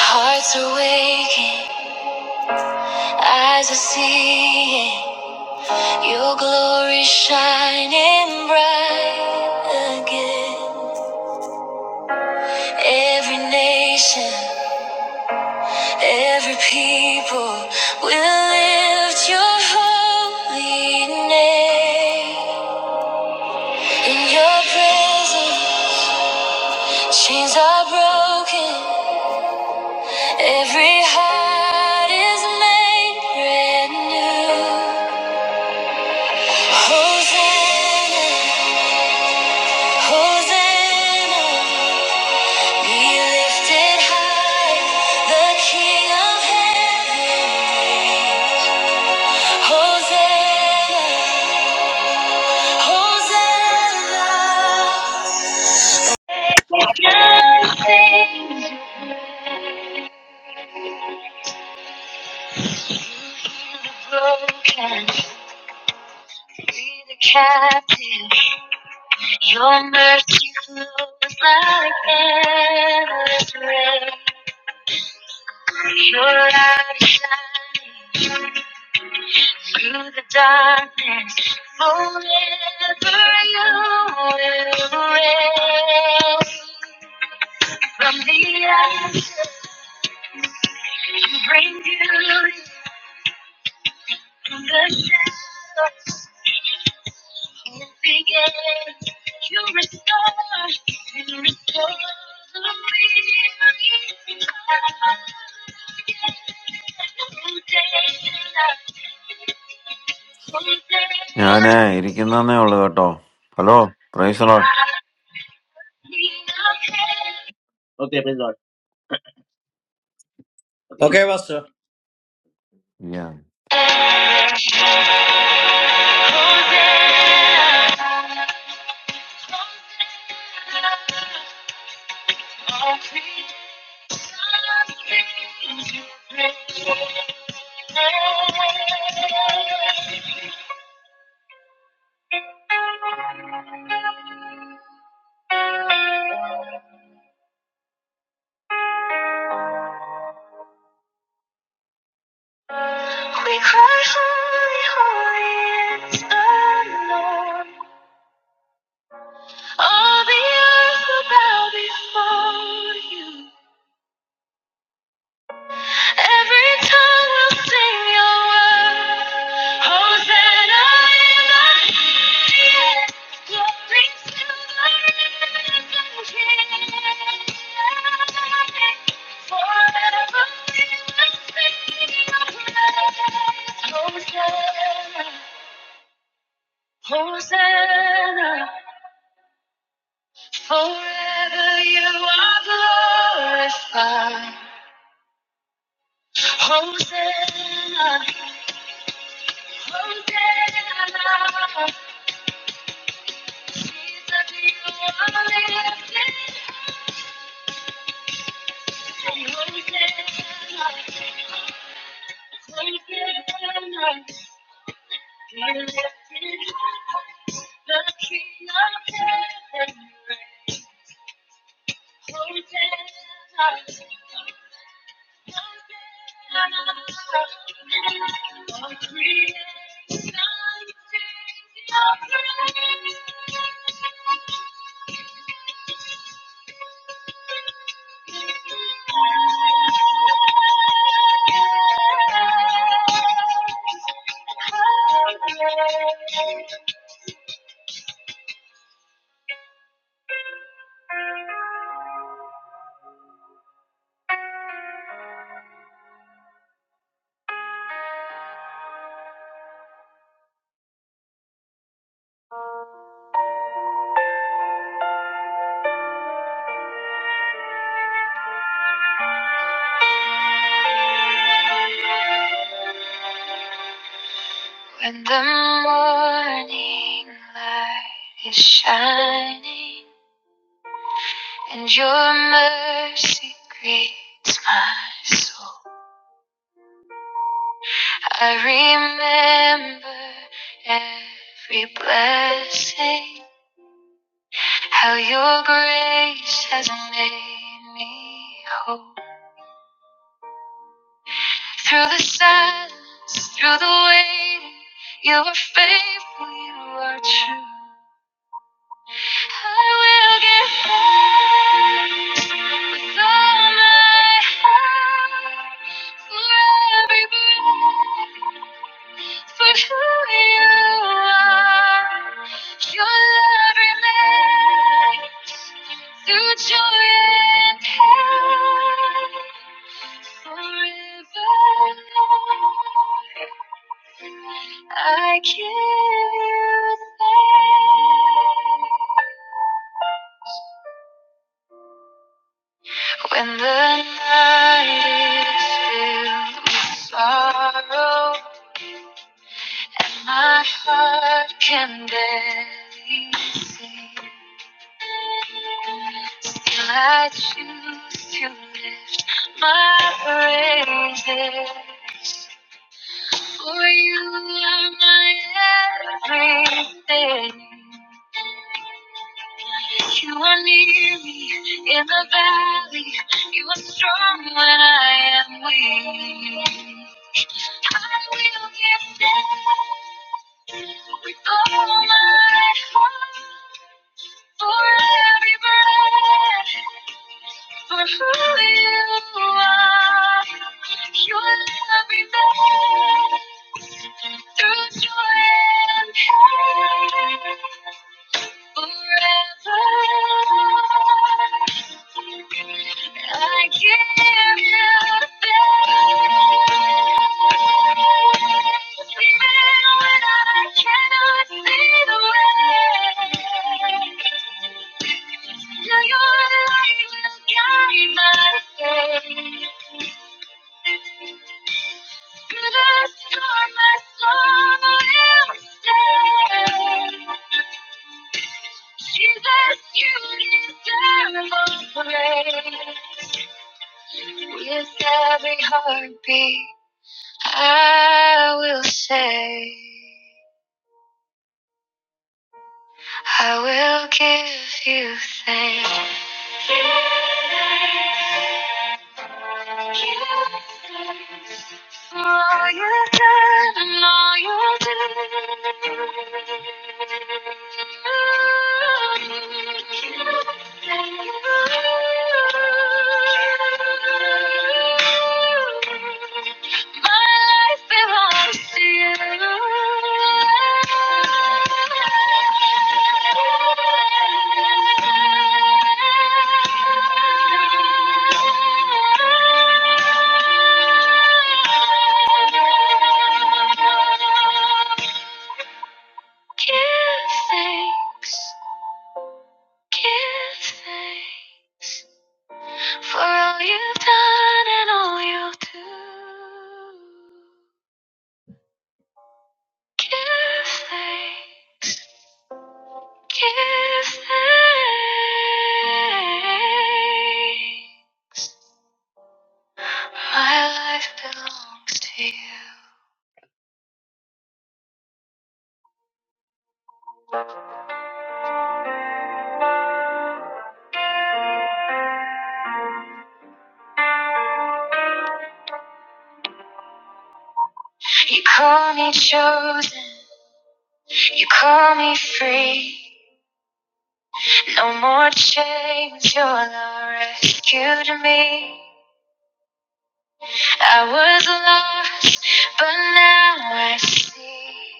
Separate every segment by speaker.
Speaker 1: Hearts are waking, eyes are seeing your glory shining bright again. Every nation, every people will lift your holy name. In your presence, chains are broken, every heart is made brand new. Hosanna. Hosanna, be lifted high, the King of heaven. Hosanna, Hosanna. Free the captive, your mercy flows like endless rain. Your light is shining. through the darkness, forever you will reign. From the ashes, you bring beauty to the shadows. Holding hands, you restore, you restore the weary heart. Hosanna,
Speaker 2: Yeah, ne. Iricken da
Speaker 1: Hosanna.
Speaker 2: ne. Olaga to. Hello. Price a lot.
Speaker 1: Okay, praise Lord. Okay.
Speaker 3: Okay, Pastor.
Speaker 2: Yeah.
Speaker 1: We cry, holy, holy is the Lord. All the earth will bow before you. Every tongue will sing your worth. Hosanna in the highest. Glory to the risen King. Forever we will sing your praise. Hosanna, Hosanna, forever you are glorified. Hosanna, Hosanna, Jesus, you are lifted high. Hosanna, Hosanna, you're lifted high. The King of heaven reigns. Hosanna, Hosanna, all creation sings your praise. When the morning light is shining and your mercy greets my soul, I remember every blessing, how your grace has made me whole. Through the silence, through the waiting, you are faithful, you are true. I will give thanks with all my heart for every breath, for who you are. Your love remains through joy and pain, forever, Lord, I give you thanks. When the night is filled with sorrow, my heart can barely sing. Still, I choose to lift my praises. For you are my everything. You are near me in the valley. You are strong when I am weak. I will give thanks with all my heart for every breath. For who you are, your love is there through joy and pain. I give you thanks, even when I cannot see the way. your light will guide my day. Through the storm, my soul will stay. Jesus, you deserve all praise. With every heartbeat, I will say, I will give you thanks. Thank you. My life belongs to you. Give thanks, for all you've done and all you'll do. Give thanks, give thanks. My life belongs to you. You call me chosen, you call me free. No more chains, your love rescued me. I was lost, but now I see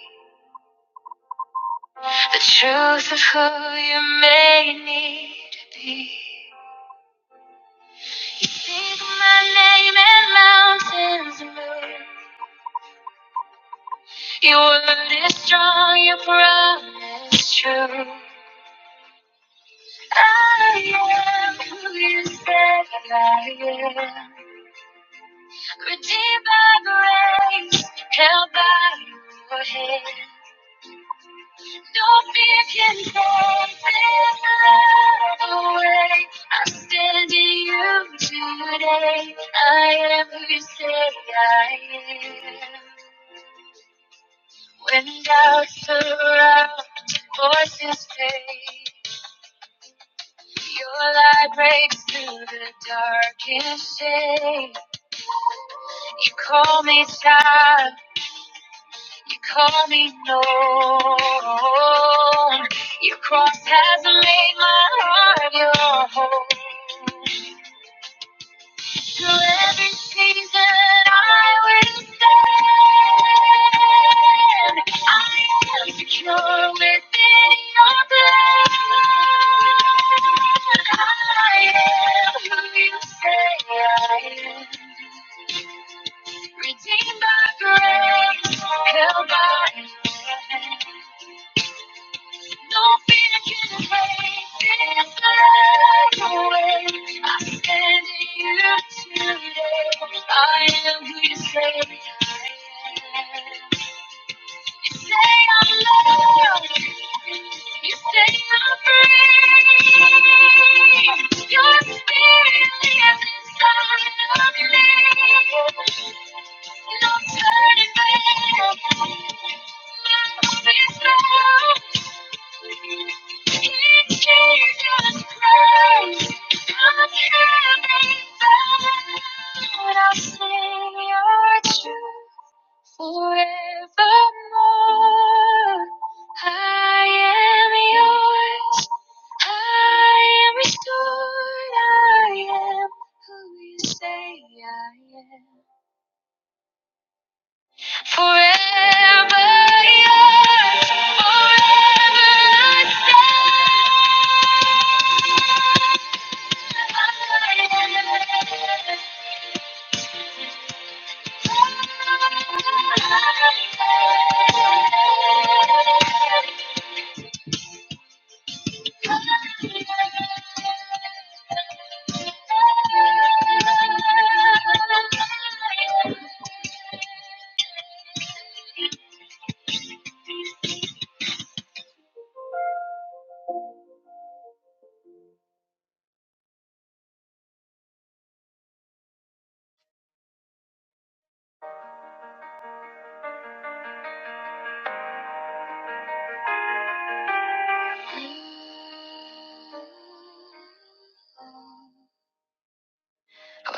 Speaker 1: the truth of who you made me to be. Speak my name and mountains move. Your word is strong, your promise true. I am who you said I am. Redeemed by grace, held by your hand. You name this love away. I stand in you today. I am who you said I am. When doubts surround, voices fade. Your light breaks through the darkest shade. You call me child, you call me known. Your cross has made my heart your home. Through every season, I will stand. I am secure within your blood. I am who you say I am. Redeemed by grace, held by faith. No fear can erase this light away. I stand in you today. I am who you say I am. You say I'm loved. You say I'm free. Your spirit lives inside of me. No turning back. My Love is love. In Jesus Christ, I'm heaven bound. I'll sing your truth. Forevermore, I am yours. I am restored. I am who you say I am. Forever yours. Forever I stand. I am. I am. When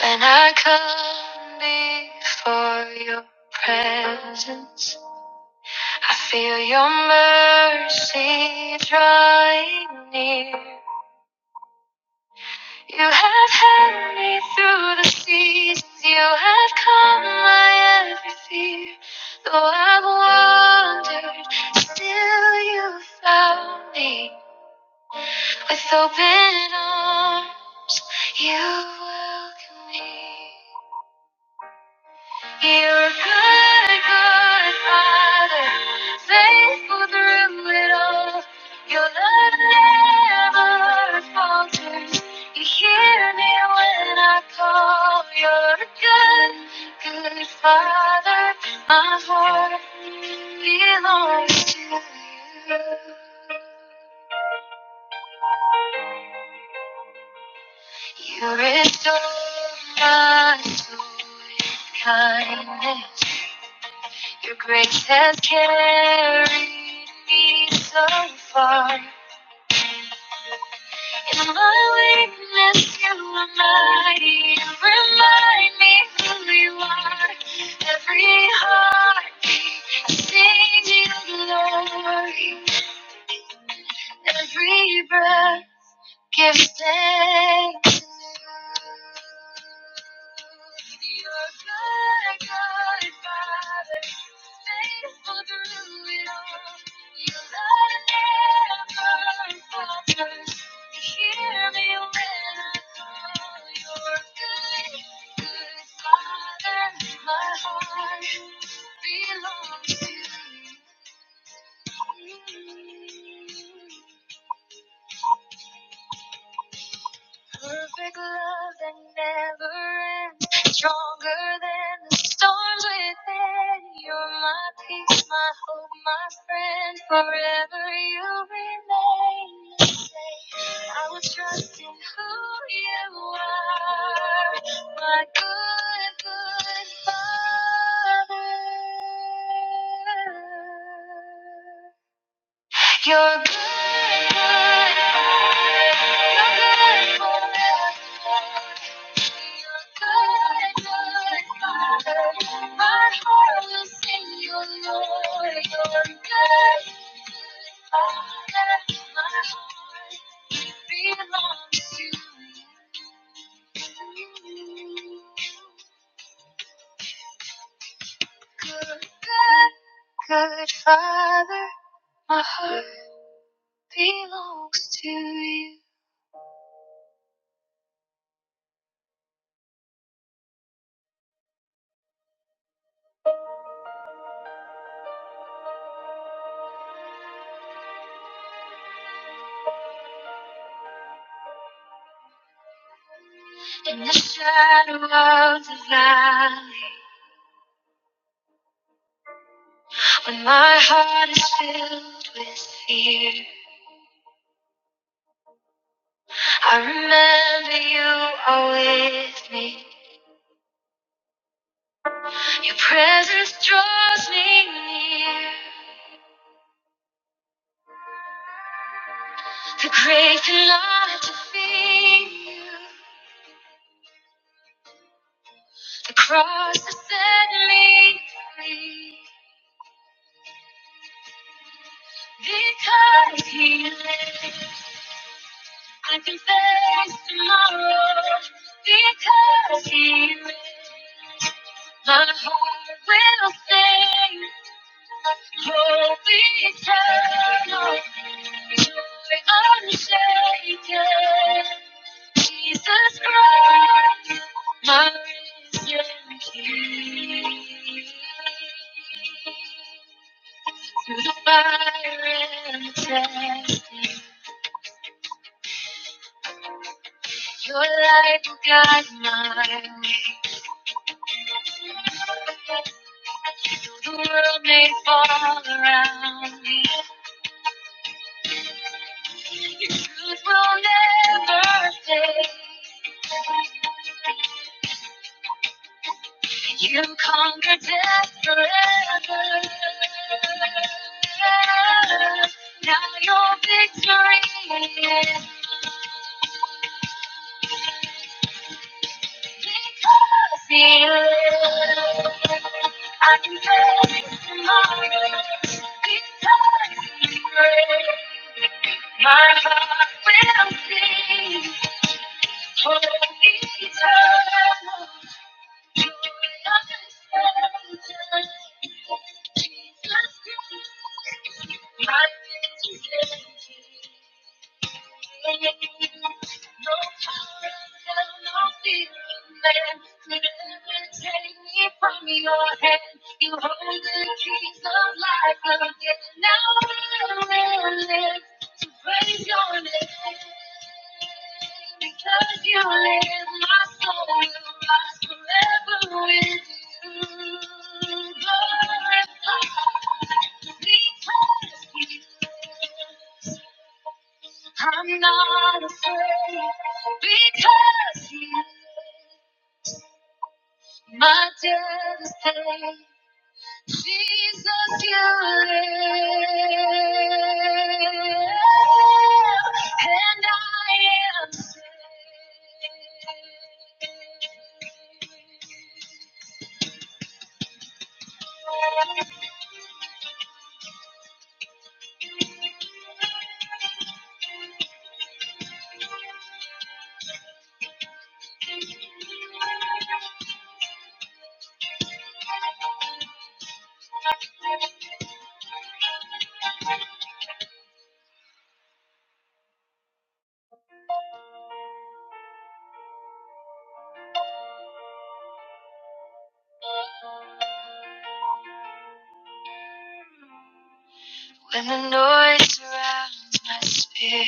Speaker 1: I come before your presence, I feel your mercy drawing near. You have had me through the seasons. You have calmed my every fear. Though I've wandered, still you found me. With open arms, you welcome me. You're a good, good father, faithful through it all. Your love never falters. You hear When I call You're your good, good father, my heart belongs to you. You restore my soul with kindness. Your grace has carried me so far. In my midst, you're mighty. You remind me who you are. Every heartbeat, I sing you glory. Every breath. Give thanks to your good, good Father, faithful through it all. Your love never falters. You hear me when I call. Your good, good Father, my heart belongs to you. Perfect love that never ends, stronger than the storms within. You're my peace, my hope, my friend. Forever you remain the same. I will trust in who you are, my good, good Father. You're good, good, Father. You're good, Father. You're good, good, Father. My heart will sing you, Lord. You're good, good, Father. My heart belongs to you. Good Father belongs to you. In the shadow of the valley, when my heart is filled with fear, I remember. You are with me. Your presence draws me. near. The grace and love to feel you. The cross that set me free. Because He lives, I can face tomorrow. Because He lives, my heart will sing. Hope eternal, joy unshaken. Jesus Christ, my risen King. Through the fire and the testing, your light will guide my way. Though the world may fall around me, your truth will never fade. You conquered death forever. Now your victory is because he lives. I can face tomorrow because he's great. My heart will sing for eternal. You hold the keys of life again. Now I will live to praise your name. Because you live, my soul will rise forever with you. Glorified because you live. I'm not afraid because you my destiny, Jesus, you live, and I am saved. When the noise surrounds my spirit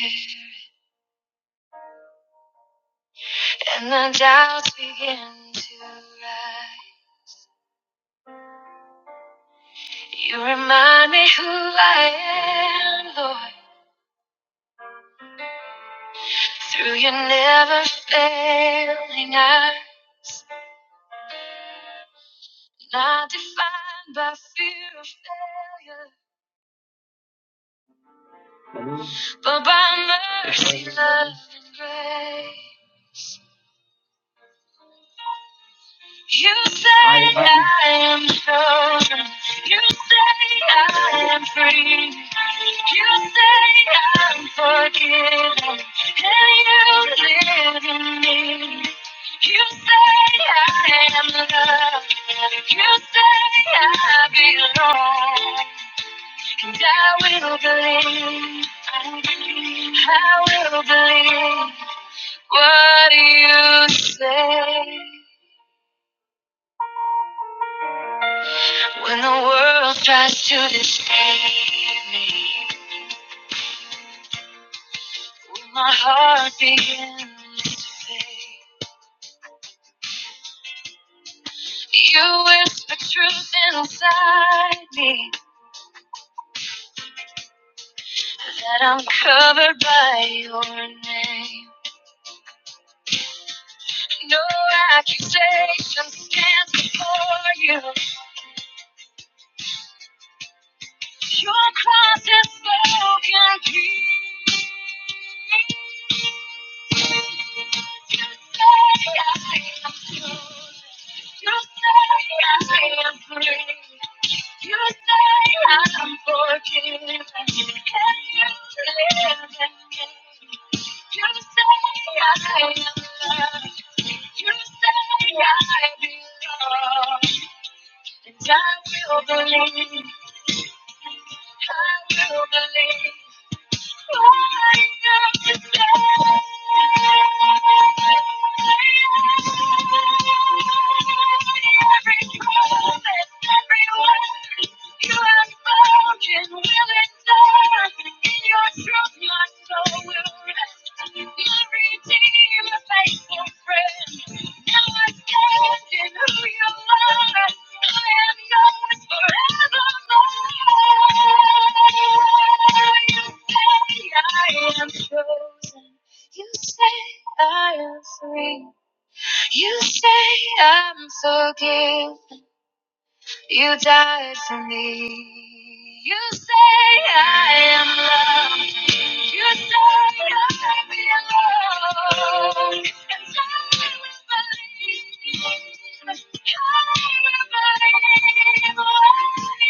Speaker 1: and the doubts begin to rise, you remind me who I am, Lord, through your never failing eye. Not defined by fear of failure, but by mercy, love, and grace. You say I am chosen. You say I am free. You say I'm forgiven, and you live in me. You say I am loved, you say I belong, and I will believe. I will believe what you say. When the world tries to deceive me, when my heart begins to fade. You whisper truth inside me that I'm covered by your name. No accusation stands before you. Your cross has spoken peace. I will believe. I will believe. Everyone, You have spoken, will it die? In your truth, my soul. You say I am free. You say I'm forgiven. You died for me. You say I am loved. You say I belong. And so I will believe. I will believe.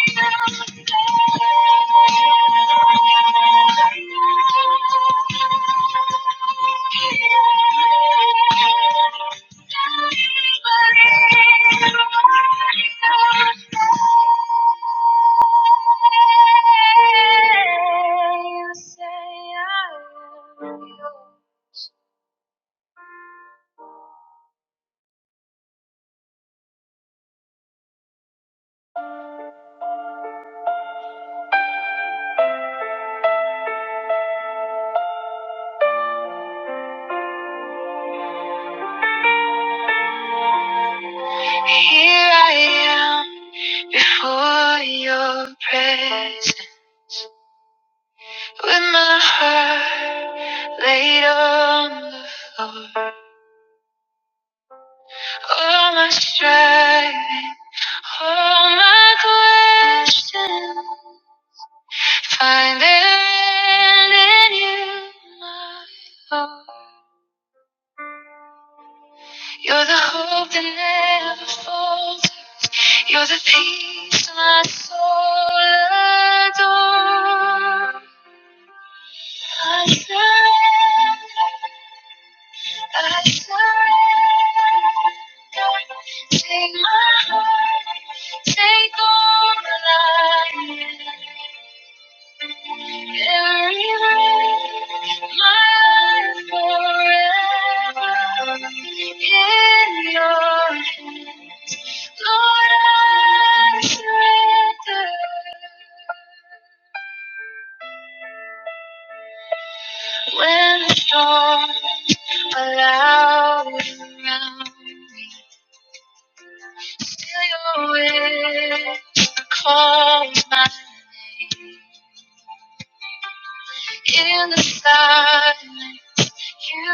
Speaker 1: For your presence, with my heart laid on the floor, all my striving. All my questions find their end in you, my hope. You're the hope that never falls. You're the peace my soul adores. I surrender. I surrender. Take my heart. Take all that I am. Carry my life forever in your hands. Lord, I surrender. When the storms are loud around me, still your whisper calls my name. In the silence, you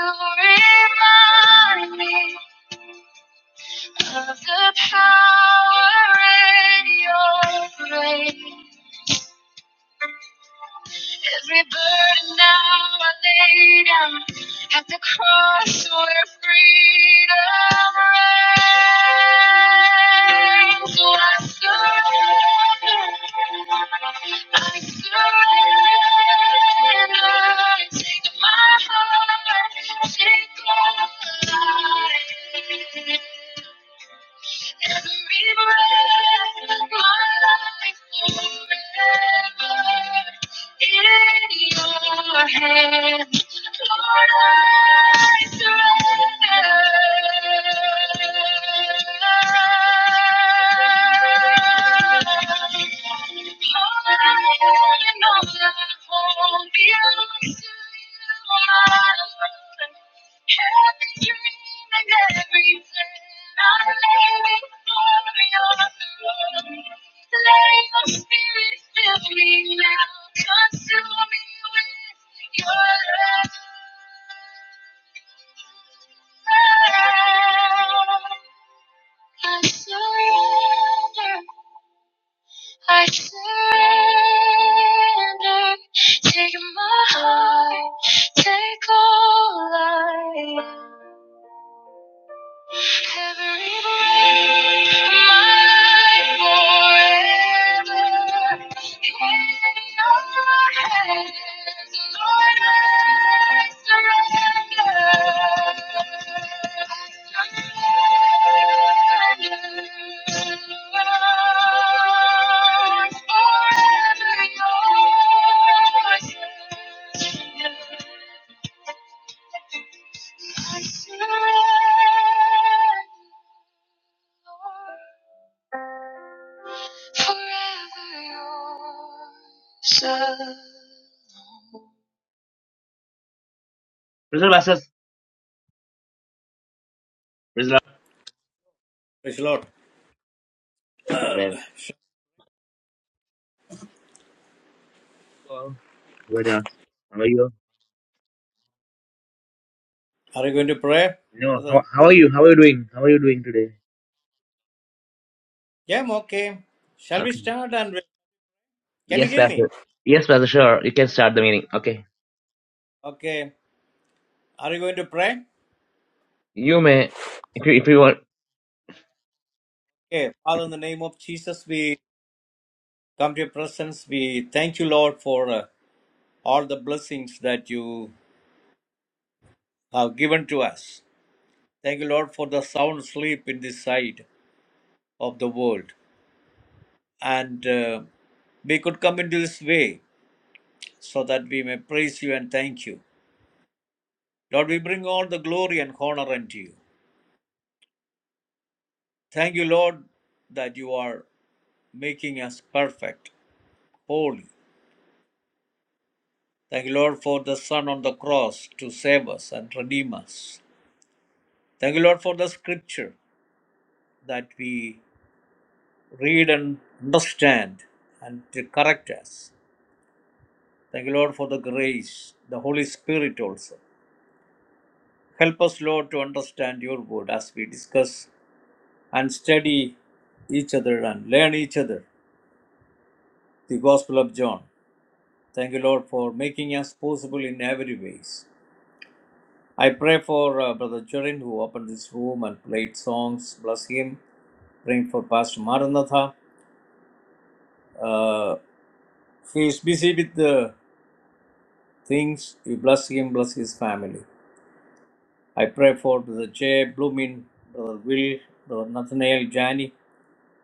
Speaker 1: remind me of the power in your grace. Every burden now I lay down at the cross where freedom reigns. So I surrender, I surrender. Take my heart, take all I am. Every breath, my life forever in Your hands. Lord, I surrender. I surrender. I surrender. Take my heart, take all I am. Every breath, my forever. In your hands, Lord, I surrender. I surrender. Forever yours. I surrender, Lord, forever yours alone. Praise the Lord, pastors. Praise the
Speaker 3: Praise the Lord.
Speaker 1: Lord. Amen. Hello. Good, uh, How are you?
Speaker 3: Are you going to pray,
Speaker 1: No, how,
Speaker 3: brother?
Speaker 1: how are you? How are you doing? How are you doing today?
Speaker 3: Yeah, I'm okay. Shall we
Speaker 1: Okay.
Speaker 3: start? And we- can you
Speaker 1: Yes,
Speaker 3: hear me?
Speaker 1: Pastor. Yes, Pastor, sure. You can start the meeting. Okay.
Speaker 3: Okay. Are you going to pray?
Speaker 1: You may, if you, if you want.
Speaker 3: Okay. Father, in the name of Jesus, we come to your presence. We thank you, Lord, for uh, all the blessings that you have given to us. Thank you, Lord, for the sound sleep in this side of the world. And uh, we could come into this way so that we may praise you and thank you. Lord, we bring all the glory and honor unto you. Thank you, Lord, that you are making us perfect, holy. Thank you, Lord, for the Son on the cross to save us and redeem us. Thank you, Lord, for the scripture that we read and understand and to correct us. Thank you, Lord, for the grace, the Holy Spirit also. Help us, Lord, to understand your word as we discuss and study each other and learn each other the Gospel of John. Thank you, Lord, for making us possible in every ways. I pray for uh, Brother Churin who opened this room and played songs. Bless him. Praying for Pastor Maranatha. Uh, he is busy with the things. You bless him, bless his family. I pray for Brother Jay, Bloomin, Brother Will, Brother Nathaniel, Jani,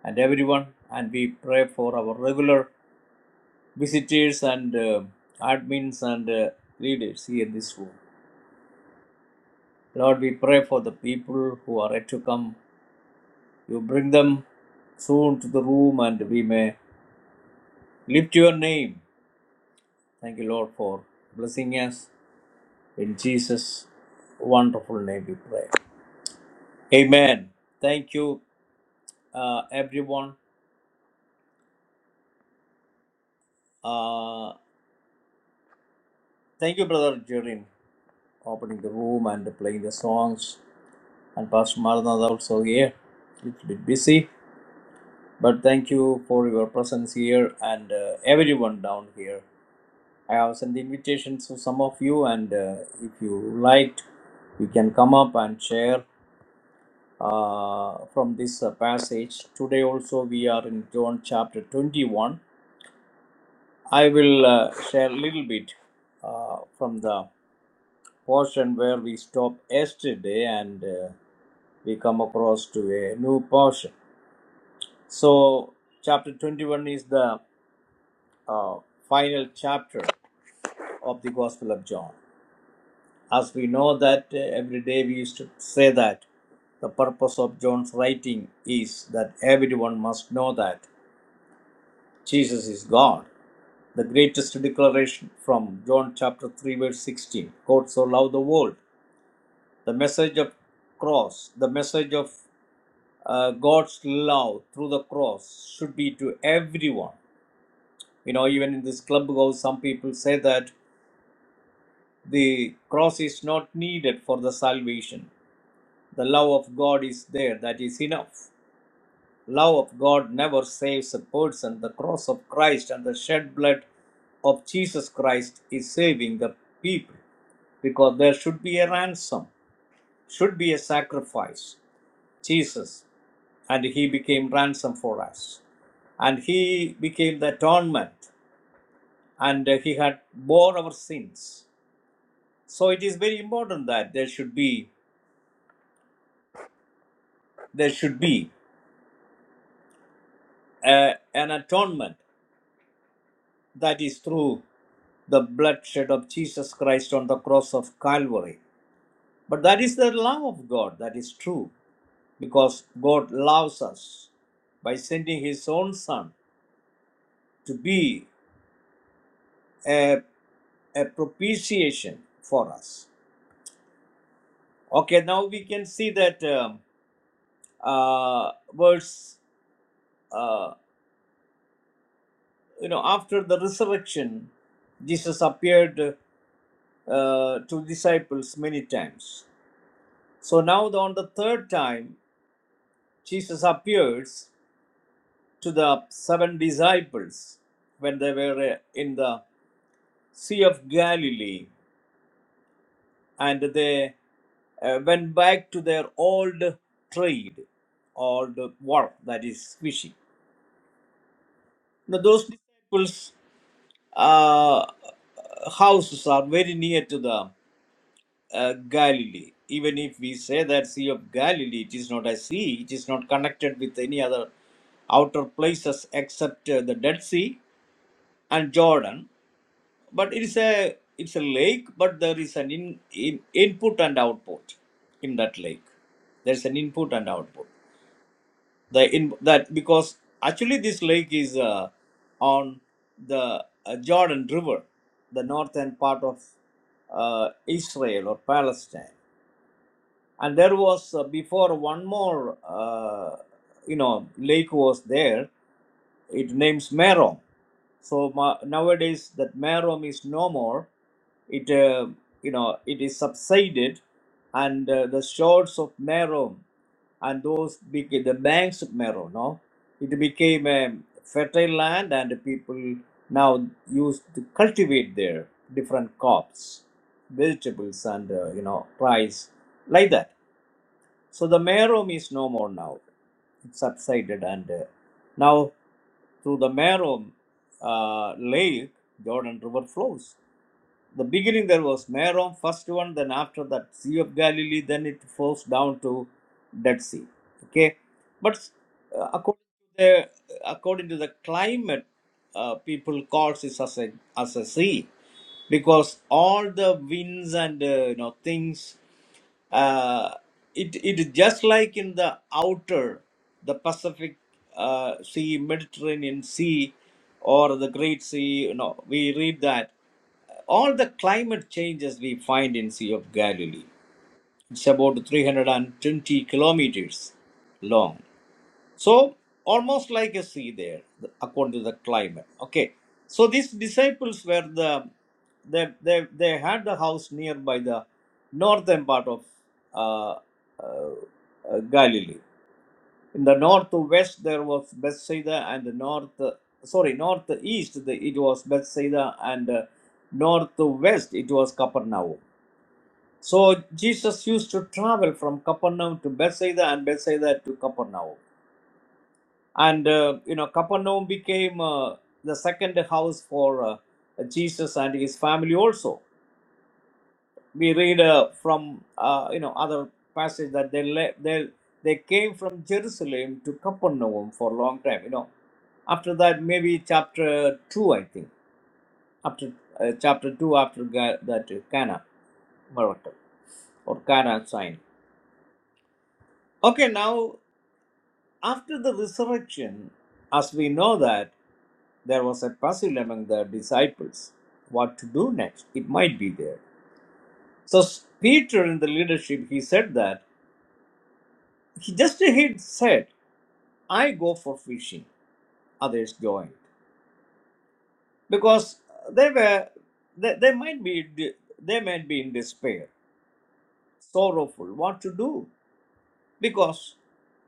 Speaker 3: and everyone. And we pray for our regular visitors and uh, admins and uh, leaders here in this room. Lord, we pray for the people who are yet to come You bring them soon to the room and we may lift your name. Thank you, Lord, for blessing us. In Jesus' wonderful name we pray. Amen. Thank you, uh, everyone. Uh, thank you, Brother Jerin, opening the room and playing the songs. And Pastor Maranatha also here. Little bit busy, but thank you for your presence here and uh, everyone down here. I have sent the invitations to some of you, and uh, if you liked, you can come up and share uh, from this uh, passage. Today also we are in John chapter 21. I will uh, share a little bit uh, from the portion where we stopped yesterday, and uh, we come across to a new portion. So, chapter 21 is the uh, final chapter of the Gospel of John. As we know that uh, every day we used to say that the purpose of John's writing is that everyone must know that Jesus is God. The greatest declaration from John chapter 3 verse 16, God so loved the world. The message of cross, the message of uh, God's love through the cross should be to everyone. You know, even in this clubhouse, some people say that the cross is not needed for the salvation The love of God is there, that is enough. Love of God never saves a person. The cross of Christ and the shed blood of Jesus Christ is saving the people because there should be a ransom, should be a sacrifice. Jesus, and he became ransom for us. And he became the atonement and uh, he had bore our sins. So it is very important that there should be there should be uh, an atonement that is through the bloodshed of Jesus Christ on the cross of Calvary. But that is the love of God, that is true, because God loves us by sending His own Son to be a, a propitiation for us. Okay, now we can see that um, uh, verse, uh, you know, after the resurrection, Jesus appeared uh, to disciples many times. So now, on the third time, Jesus appears to the seven disciples when they were uh, in the Sea of Galilee and they uh, went back to their old trade, old work, that is fishing. Now, those disciples' uh, houses are very near to the uh, Galilee. Even if we say that Sea of Galilee, it is not a sea, it is not connected with any other outer places except uh, the Dead Sea and Jordan but it is a it's a lake but there is an in, in input and output in that lake there's an input and output the in that because actually this lake is uh, on the uh, jordan river the northern part of uh, israel or palestine and there was uh, before one more uh, you know lake was there it names Merom. So ma- nowadays that Merom is no more. It uh, you know it is subsided, and uh, the shores of Merom and those became the banks of Merom. No, it became a fertile land, and people now used to cultivate their different crops, vegetables, and uh, you know rice like that. So the Merom is no more now. It subsided, and uh, now through the Merom uh, lake, Jordan River flows. The beginning there was Merom, first one, then after that Sea of Galilee, then it flows down to Dead Sea. Okay, but uh, according to the according to the climate, uh, people calls it as a as a sea because all the winds and uh, you know things uh, it it is just like in the outer, the Pacific uh, Sea, Mediterranean Sea, or the Great Sea. You know, we read that all the climate changes we find in Sea of Galilee. It's about 320 kilometers long. So, almost like a sea there, the- according to the climate. Okay. So, these disciples were the, they, they, they had the house nearby the northern part of uh, uh, uh, Galilee. In the northwest, there was Bethsaida, and the north, uh, sorry, northeast, the, it was Bethsaida, and uh, northwest, it was Capernaum. So, Jesus used to travel from Capernaum to Bethsaida and Bethsaida to Capernaum and uh, you know capernaum became uh, the second house for uh, jesus and his family also we read uh, from uh, you know other passage that they le- they they came from jerusalem to capernaum for a long time you know after that maybe chapter 2 i think after uh, chapter 2 after Ga- that uh, cana miracle or cana sign okay now after the resurrection as we know that There was a puzzle among the disciples what to do next. It might be there. So Peter in the leadership, he said that he just he said, I go for fishing. Others joined. Because they were they, they might be they might be in despair, sorrowful, what to do? Because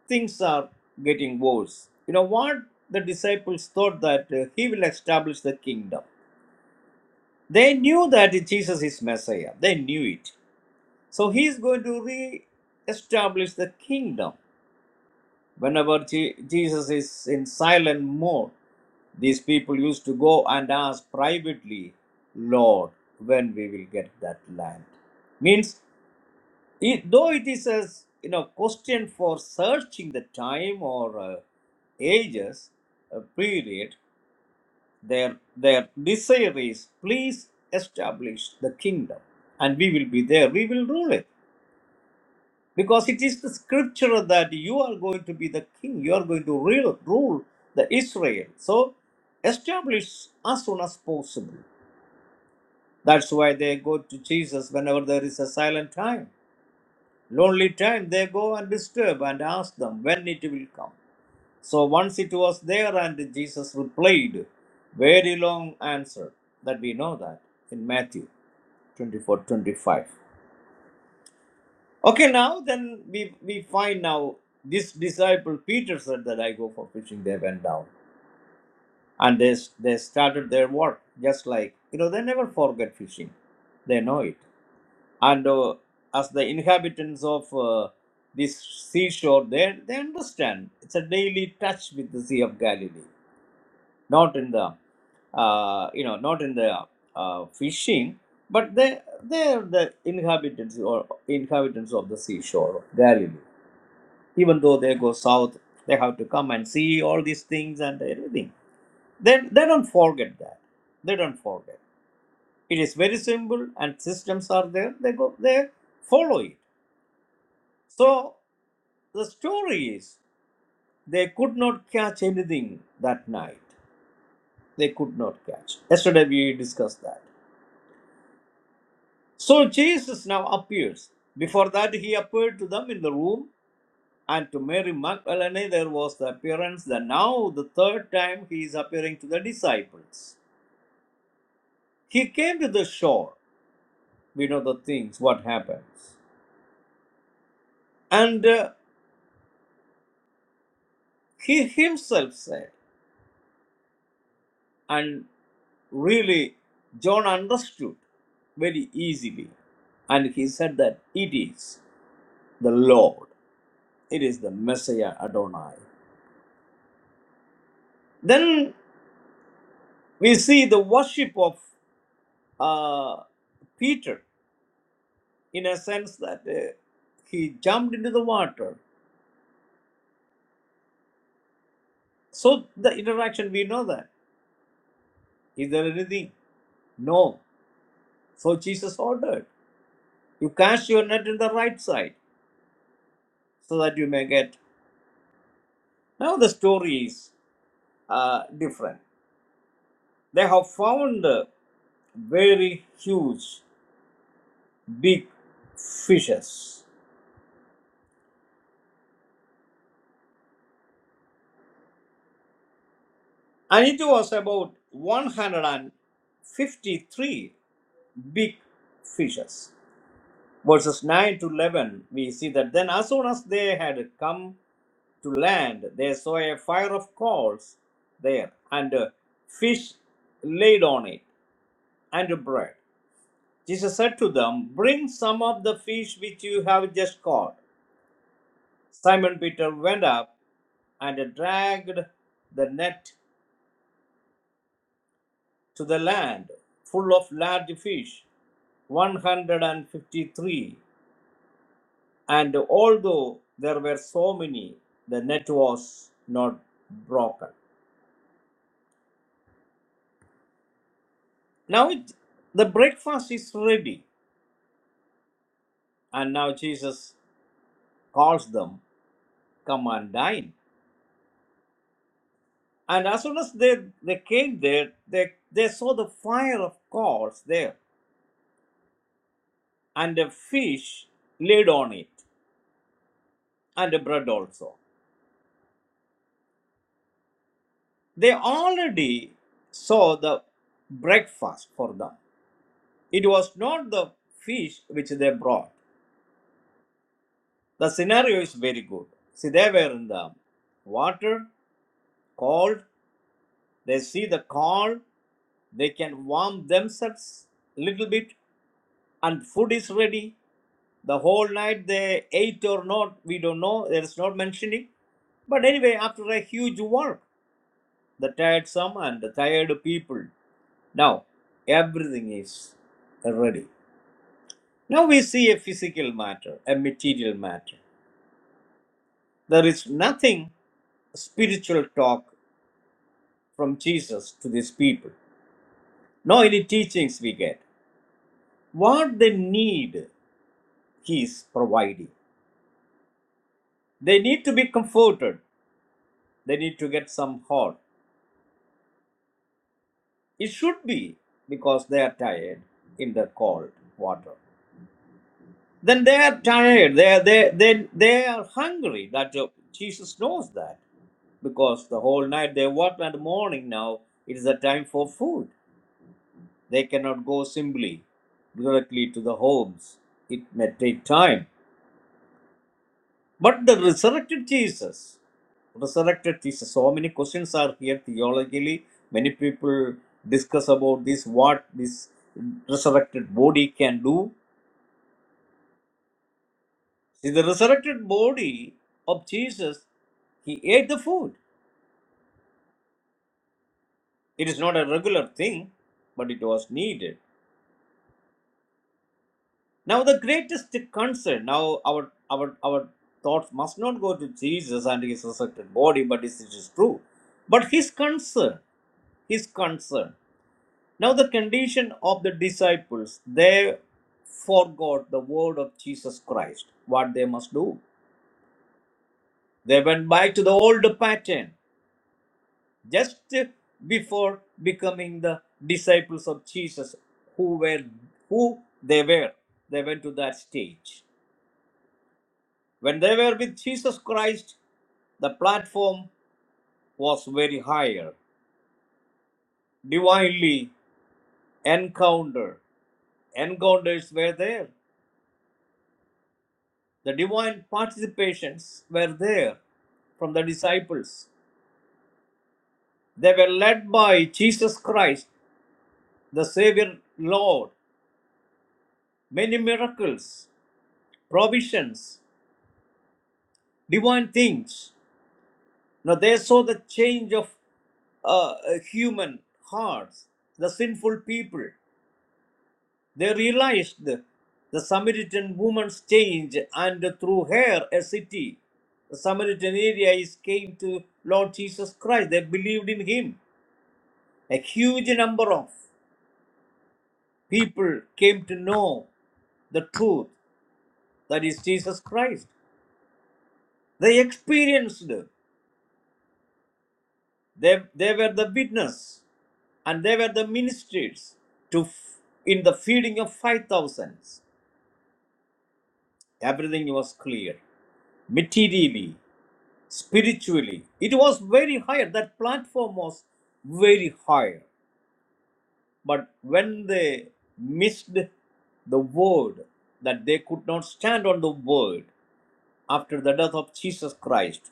Speaker 3: things are getting worse. You know what the disciples thought that uh, he will establish the kingdom. They knew that Jesus is Messiah. They knew it. So he is going to re-establish the kingdom. Whenever Je- Jesus is in silent mode, these people used to go and ask privately, Lord, when we will get that land. Means, it, though it is a you know question for searching the time or uh, ages, a period, their their desire is, please establish the kingdom, and we will be there. We will rule it. because it is the scripture that you are going to be the king you are going to rule, rule the israel so establish as soon as possible that's why they go to jesus whenever there is a silent time lonely time they go and disturb and ask them when it will come so once it was there and jesus replied very long answer that we know that in matthew 24 25. Okay, now then we we find now this disciple Peter said that I go for fishing. They went down and they s- they started their work just like you know they never forget fishing, they know it. And uh, as the inhabitants of uh, this seashore, they they understand it's a daily touch with the Sea of Galilee, not in the uh, you know not in the uh, fishing, but they they are the inhabitants or inhabitants of the seashore of Galilee even though they go south they have to come and see all these things and everything they, they don't forget that they don't forget it is very simple and systems are there they go they follow it so the story is they could not catch anything that night they could not catch yesterday we discussed that so jesus now appears before that he appeared to them in the room And to Mary Magdalene there was the appearance that now the third time he is appearing to the disciples. He came to the shore. We know the things, what happens. And uh, he himself said, and really John understood very easily. And he said that it is the Lord, it is the Messiah Adonai. Then we see the worship of uh, Peter in a sense that uh, he jumped into the water. So the interaction, we know that. Is there anything? No. So Jesus ordered, you cast your net in the right side so that you may get. Now the story is uh, different. They have found uh, very huge, big fishes. And it was about 153 big fishes. verses 9 to 11, we see that then as soon as they had come to land, they saw a fire of coals there, and uh, fish laid on it, and bread. Jesus said to them, Bring some of the fish which you have just caught. Simon Peter went up and dragged the net to the land, full of large fish, 153. And although there were so many, the net was not broken. Now it, the breakfast is ready, and now Jesus calls them, Come and dine. And as soon as they, they came there, they, they saw the fire of coals there, and a fish laid on it, and a bread also. They already saw the breakfast for them. It was not the fish which they brought, The scenario is very good. See, they were in the water, cold. They see the cold. They can warm themselves a little bit, and food is ready. The whole night they ate or not, we don't know. There is not mentioning. But anyway, after a huge work, the tired some and the tired people. Now everything is ready. Now we see a physical matter, a material matter. There is nothing spiritual talk from Jesus to these people, no any teachings we get. What they need, He is providing. They need to be comforted, they need to get some hope. It should be because they are tired in the cold water. Then they are tired, they are, they, they, they are hungry. That uh, Jesus knows that because the whole night they worked and the morning now it is a time for food. They cannot go simply directly to the homes. It may take time. But the resurrected Jesus, resurrected Jesus, so many questions are here theologically. Many people discuss about this, what this resurrected body can do. See, the resurrected body of Jesus, he ate the food. It is not a regular thing, but it was needed. Now, the greatest concern, now our, our, our thoughts must not go to Jesus and his resurrected body, but it is true. But his concern, his concern. Now, the condition of the disciples, they forgot the word of Jesus Christ, what they must do. They went back to the old pattern just before becoming the disciples of Jesus, who were who they were. They went to that stage. When they were with Jesus Christ, the platform was very higher. Divinely encounter. Encounters were there. The divine participations were there from the disciples. They were led by Jesus Christ, the Savior Lord. Many miracles, provisions, divine things. Now they saw the change of uh, human hearts, the sinful people. They realized the Samaritan woman's change, and through her, a city the Samaritan area is came to Lord Jesus Christ. They believed in him. a huge number of people came to know the truth that is jesus christ they experienced it. they, they were the witness and they were the ministers to in the feeding of 5000 everything was clear materially spiritually it was very higher that platform was very higher but when they missed the word that they could not stand on the word after the death of Jesus Christ.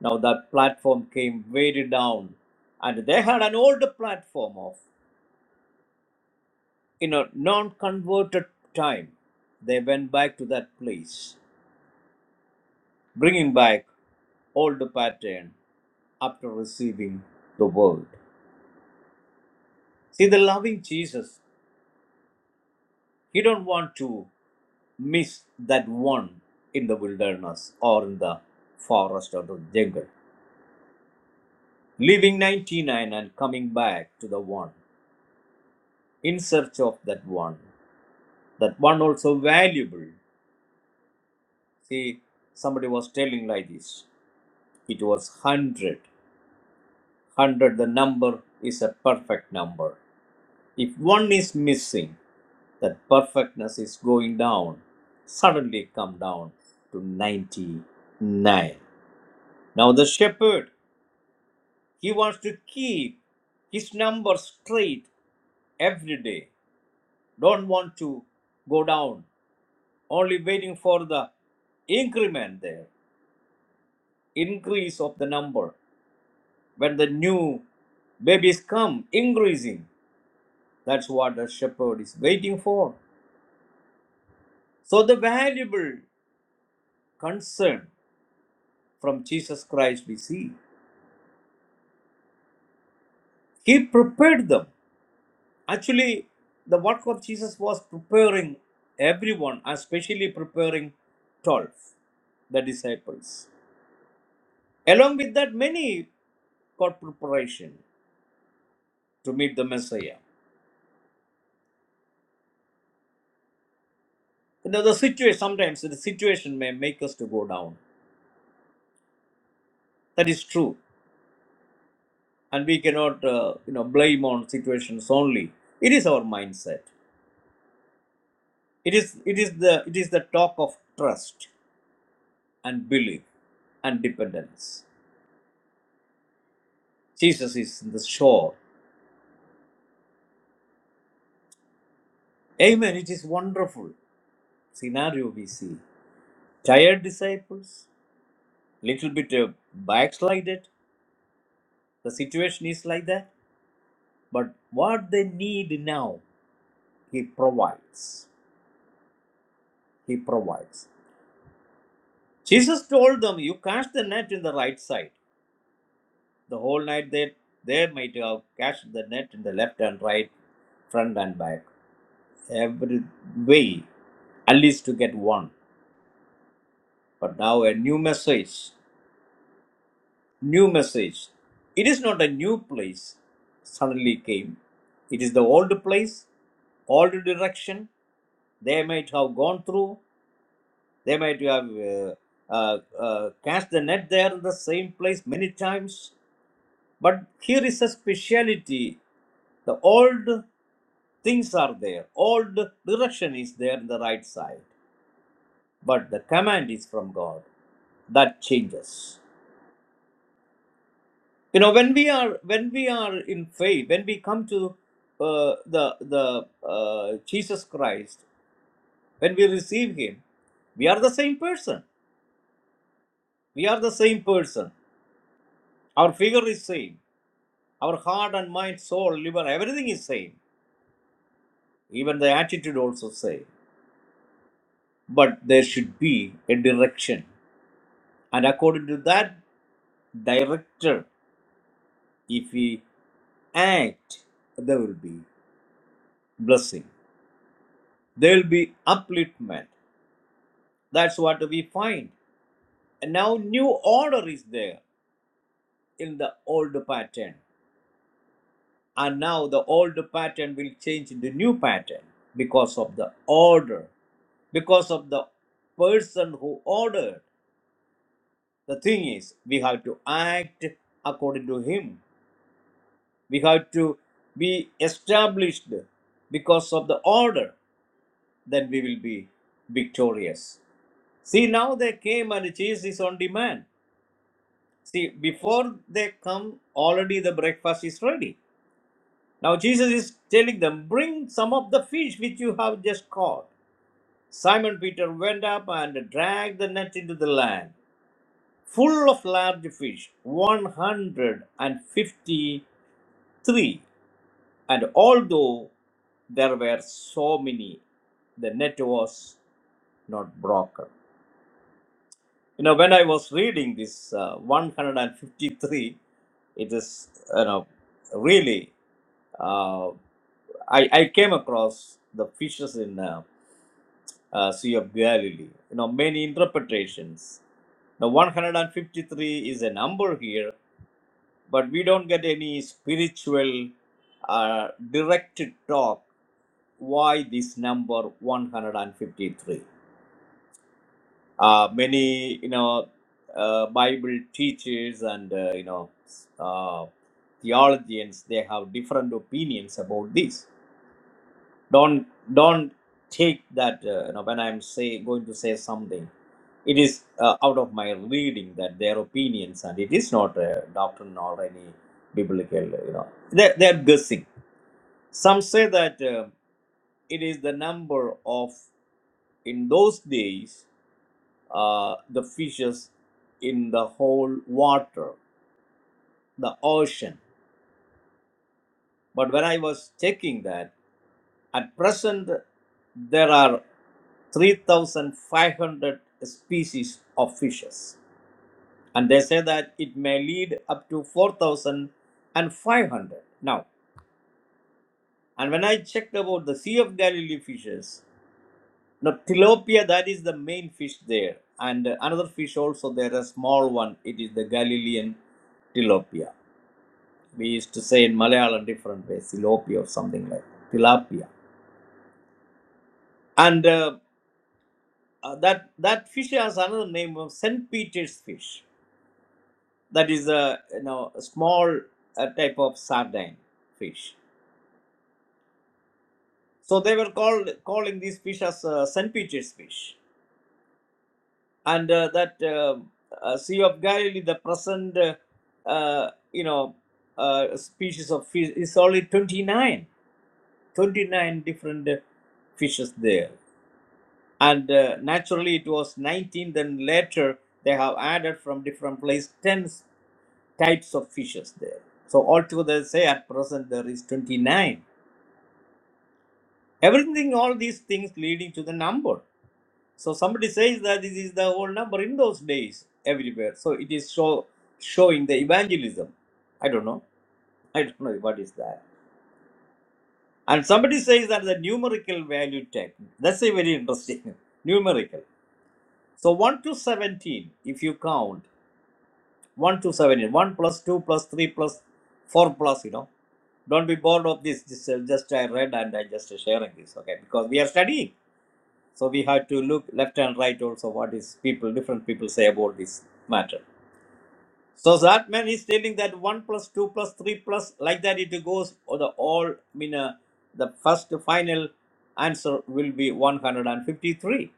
Speaker 3: Now that platform came weighed down, and they had an old platform of in a non-converted time. They went back to that place, bringing back old pattern after receiving the word. See, the loving Jesus, he don't want to miss that one in the wilderness or in the forest or the jungle, leaving 99 and coming back to the one in search of that one. that one also valuable. See, somebody was telling like this. It was 100. 100, the number is a perfect number. If one is missing, that perfectness is going down. Suddenly come down to 99. Now the shepherd, he wants to keep his number straight every day. Don't want to go down. Only waiting for the increment there, increase of the number. when the new babies come increasing that's what the shepherd is waiting for so the valuable concern from jesus christ we see he prepared them actually the work of jesus was preparing everyone especially preparing 12 the disciples along with that many got preparation to meet the messiah you know the situation sometimes the situation may make us to go down that is true and we cannot uh, you know blame on situations only it is our mindset it is it is the it is the talk of trust and belief and dependence jesus is in the shore amen it is wonderful scenario we see tired disciples little bit uh, backslided the situation is like that but what they need now he provides he provides jesus told them you cast the net in the right side The whole night they, they might have cast the net in the left and right, front and back, every way, at least to get one. But now a new message, new message. It is not a new place suddenly came. It is the old place, old direction. They might have gone through. They might have uh, uh, uh, cast the net there in the same place many times. But here is a speciality. The old Things are there. All the direction is there in the right side. But the command is from God. That changes. You know, when we are when we are in faith, when we come to uh, the the uh, Jesus Christ, when we receive Him, we are the same person. We are the same person. Our figure is same. Our heart and mind, soul, liver, everything is same. Even the attitude also same. But there should be a direction. And according to that Director, if we act, there will be blessing. There will be upliftment. That's what we find. And now new order is there in the old pattern. And now the old pattern will change into new pattern because of the order, because of the person who ordered. The thing is, we have to act according to him. We have to be established because of the order. then we will be victorious. See, now they came and cheese is on demand. See, before they come, already the breakfast is ready. Now, Jesus is telling them, Bring some of the fish which you have just caught. Simon Peter went up and dragged the net into the land, full of large fish, 153. And although there were so many, the net was not broken. You know, when I was reading this uh, 153, it is, you know, really, uh, I, I came across the fishes in uh, uh, Sea of Galilee. You know, many interpretations. Now, 153 is a number here, but we don't get any spiritual uh, direct talk why this number 153. uh, many you know uh, bible teachers and uh, you know uh, theologians they have different opinions about this don't don't take that uh, you know when i'm say going to say something it is uh, out of my reading that their opinions and it is not a doctrine or any biblical you know they're, they're guessing some say that uh, it is the number of in those days uh, the fishes in the whole water, the ocean. But when I was checking that, at present there are 3,500 species of fishes. And they say that it may lead up to 4,500 now. And when I checked about the Sea of Galilee fishes, now tilapia, that is the main fish there. And uh, another fish also, there a small one. It is the Galilean tilapia We used to say in Malayalam different ways, silopi or something like that, tilapia. And uh, uh, that that fish has another name of St. Peter's fish. That is a you know a small uh, type of sardine fish. So they were called calling these fish as uh, St. Peter's fish. And uh, that uh, uh, Sea of Galilee, the present uh, uh, you know uh, species of fish is only 29, 29 different uh, fishes there. and uh, naturally it was 19 then later they have added from different place 10 types of fishes there so altogether say at present there is 29 everything all these things leading to the number so somebody says that this is the whole number in those days everywhere so it is show, showing the evangelism i don't know i don't know what is that and somebody says that the numerical value technique that's a very interesting numerical so 1 to 17 if you count 1 to 7 years. 1 plus 2 plus 3 plus 4 plus, you know. Don't be bored of this. Just, uh, just I read and I just sharing this, okay? Because we are studying. So we have to look left and right also what is people, different people say about this matter. So that man is telling that 1 plus 2 plus 3 plus, like that it goes, or the all, I mean, uh, the first final answer will be 153.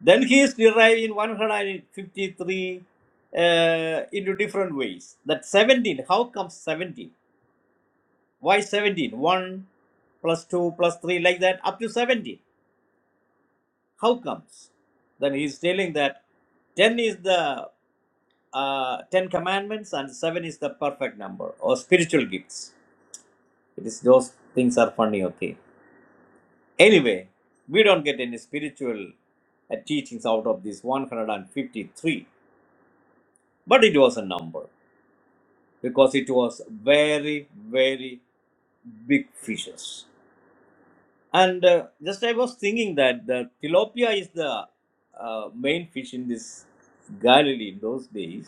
Speaker 3: Then he is derived in 153 uh, into different ways. That 17, how comes 17? Why 17? 1 plus 2 plus 3 like that up to 17. How comes? Then he is telling that 10 is the uh, 10 commandments and 7 is the perfect number or spiritual gifts. It is those things are funny, okay. Anyway, we don't get any spiritual uh, teachings out of this 153, but it was a number. because it was very very big fishes and uh, just i was thinking that the tilapia is the uh, main fish in this galilee in those days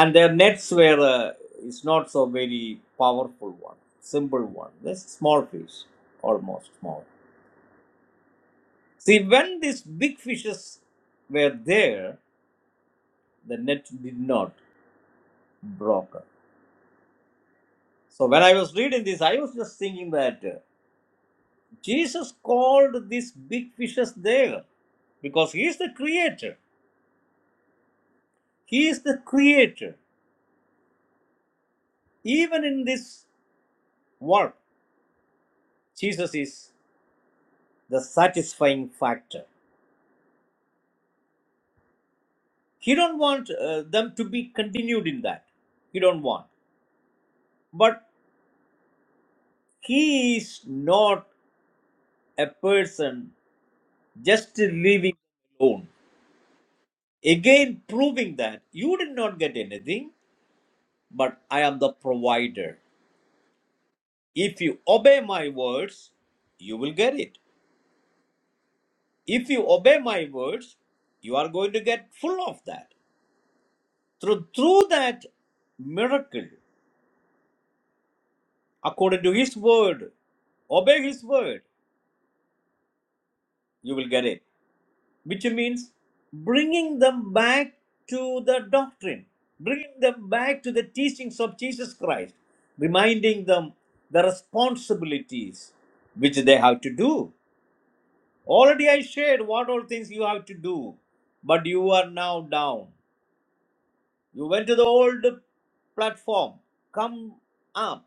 Speaker 3: and their nets were uh, it's not so very powerful one simple one this small fish almost small see when these big fishes were there the net did not broke up so when i was reading this i was just thinking that uh, Jesus called these big fishes there because he is the creator. He is the creator. Even in this work, Jesus is the satisfying factor. He don't want uh, them to be continued in that. He don't want. But he is not a person just living alone. Again, proving that you did not get anything, but I am the provider. If you obey my words, you will get it. If you obey my words, you are going to get full of that. Through, through that miracle, according to His word, obey His word, you will get it. Which means bringing them back to the doctrine, bringing them back to the teachings of Jesus Christ, reminding them the responsibilities which they have to do. Already I shared what all things you have to do, but you are now down. You went to the old platform. Come up.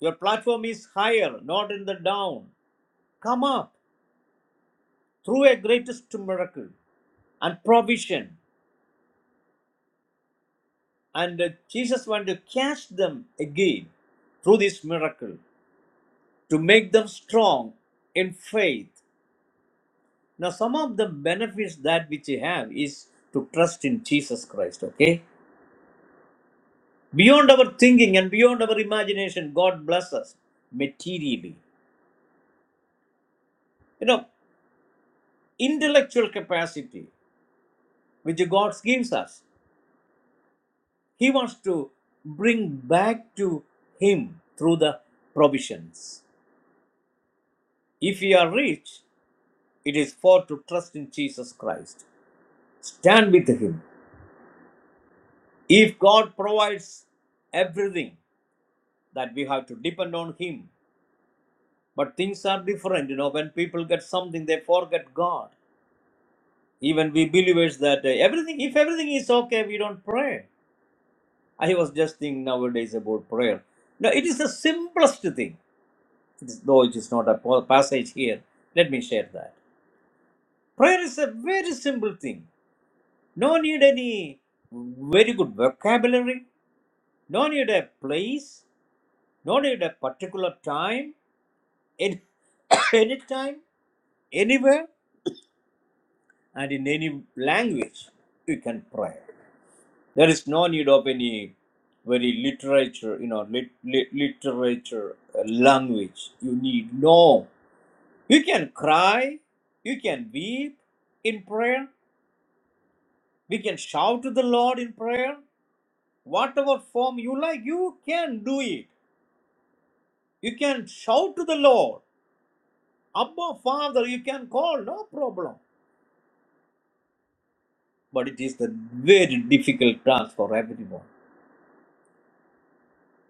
Speaker 3: Your platform is higher, not in the down. Come up through a greatest miracle and provision. And uh, Jesus went to catch them again through this miracle to make them strong in faith. Now, some of the benefits that which you have is to trust in Jesus Christ, okay? Beyond our thinking and beyond our imagination, God bless us materially. You know, intellectual capacity which God gives us, He wants to bring back to Him through the provisions. If we are rich, it is for to trust in Jesus Christ. Stand with Him. If God provides everything that we have to depend on him but things are different you know when people get something they forget god even we believers that uh, everything if everything is okay we don't pray i was just thinking nowadays about prayer now it is the simplest thing it is, though it is not a po- passage here let me share that prayer is a very simple thing no need any very good vocabulary no need a place no need a particular time any, any time anywhere and in any language you can pray There is no need of any very literature, you know, lit, lit, literature uh, language. You need no. You can cry, you can weep in prayer, we can shout to the Lord in prayer. Whatever form you like, you can do it. You can shout to the Lord. Abba, Father, you can call, no problem. But it is the very difficult task for everyone.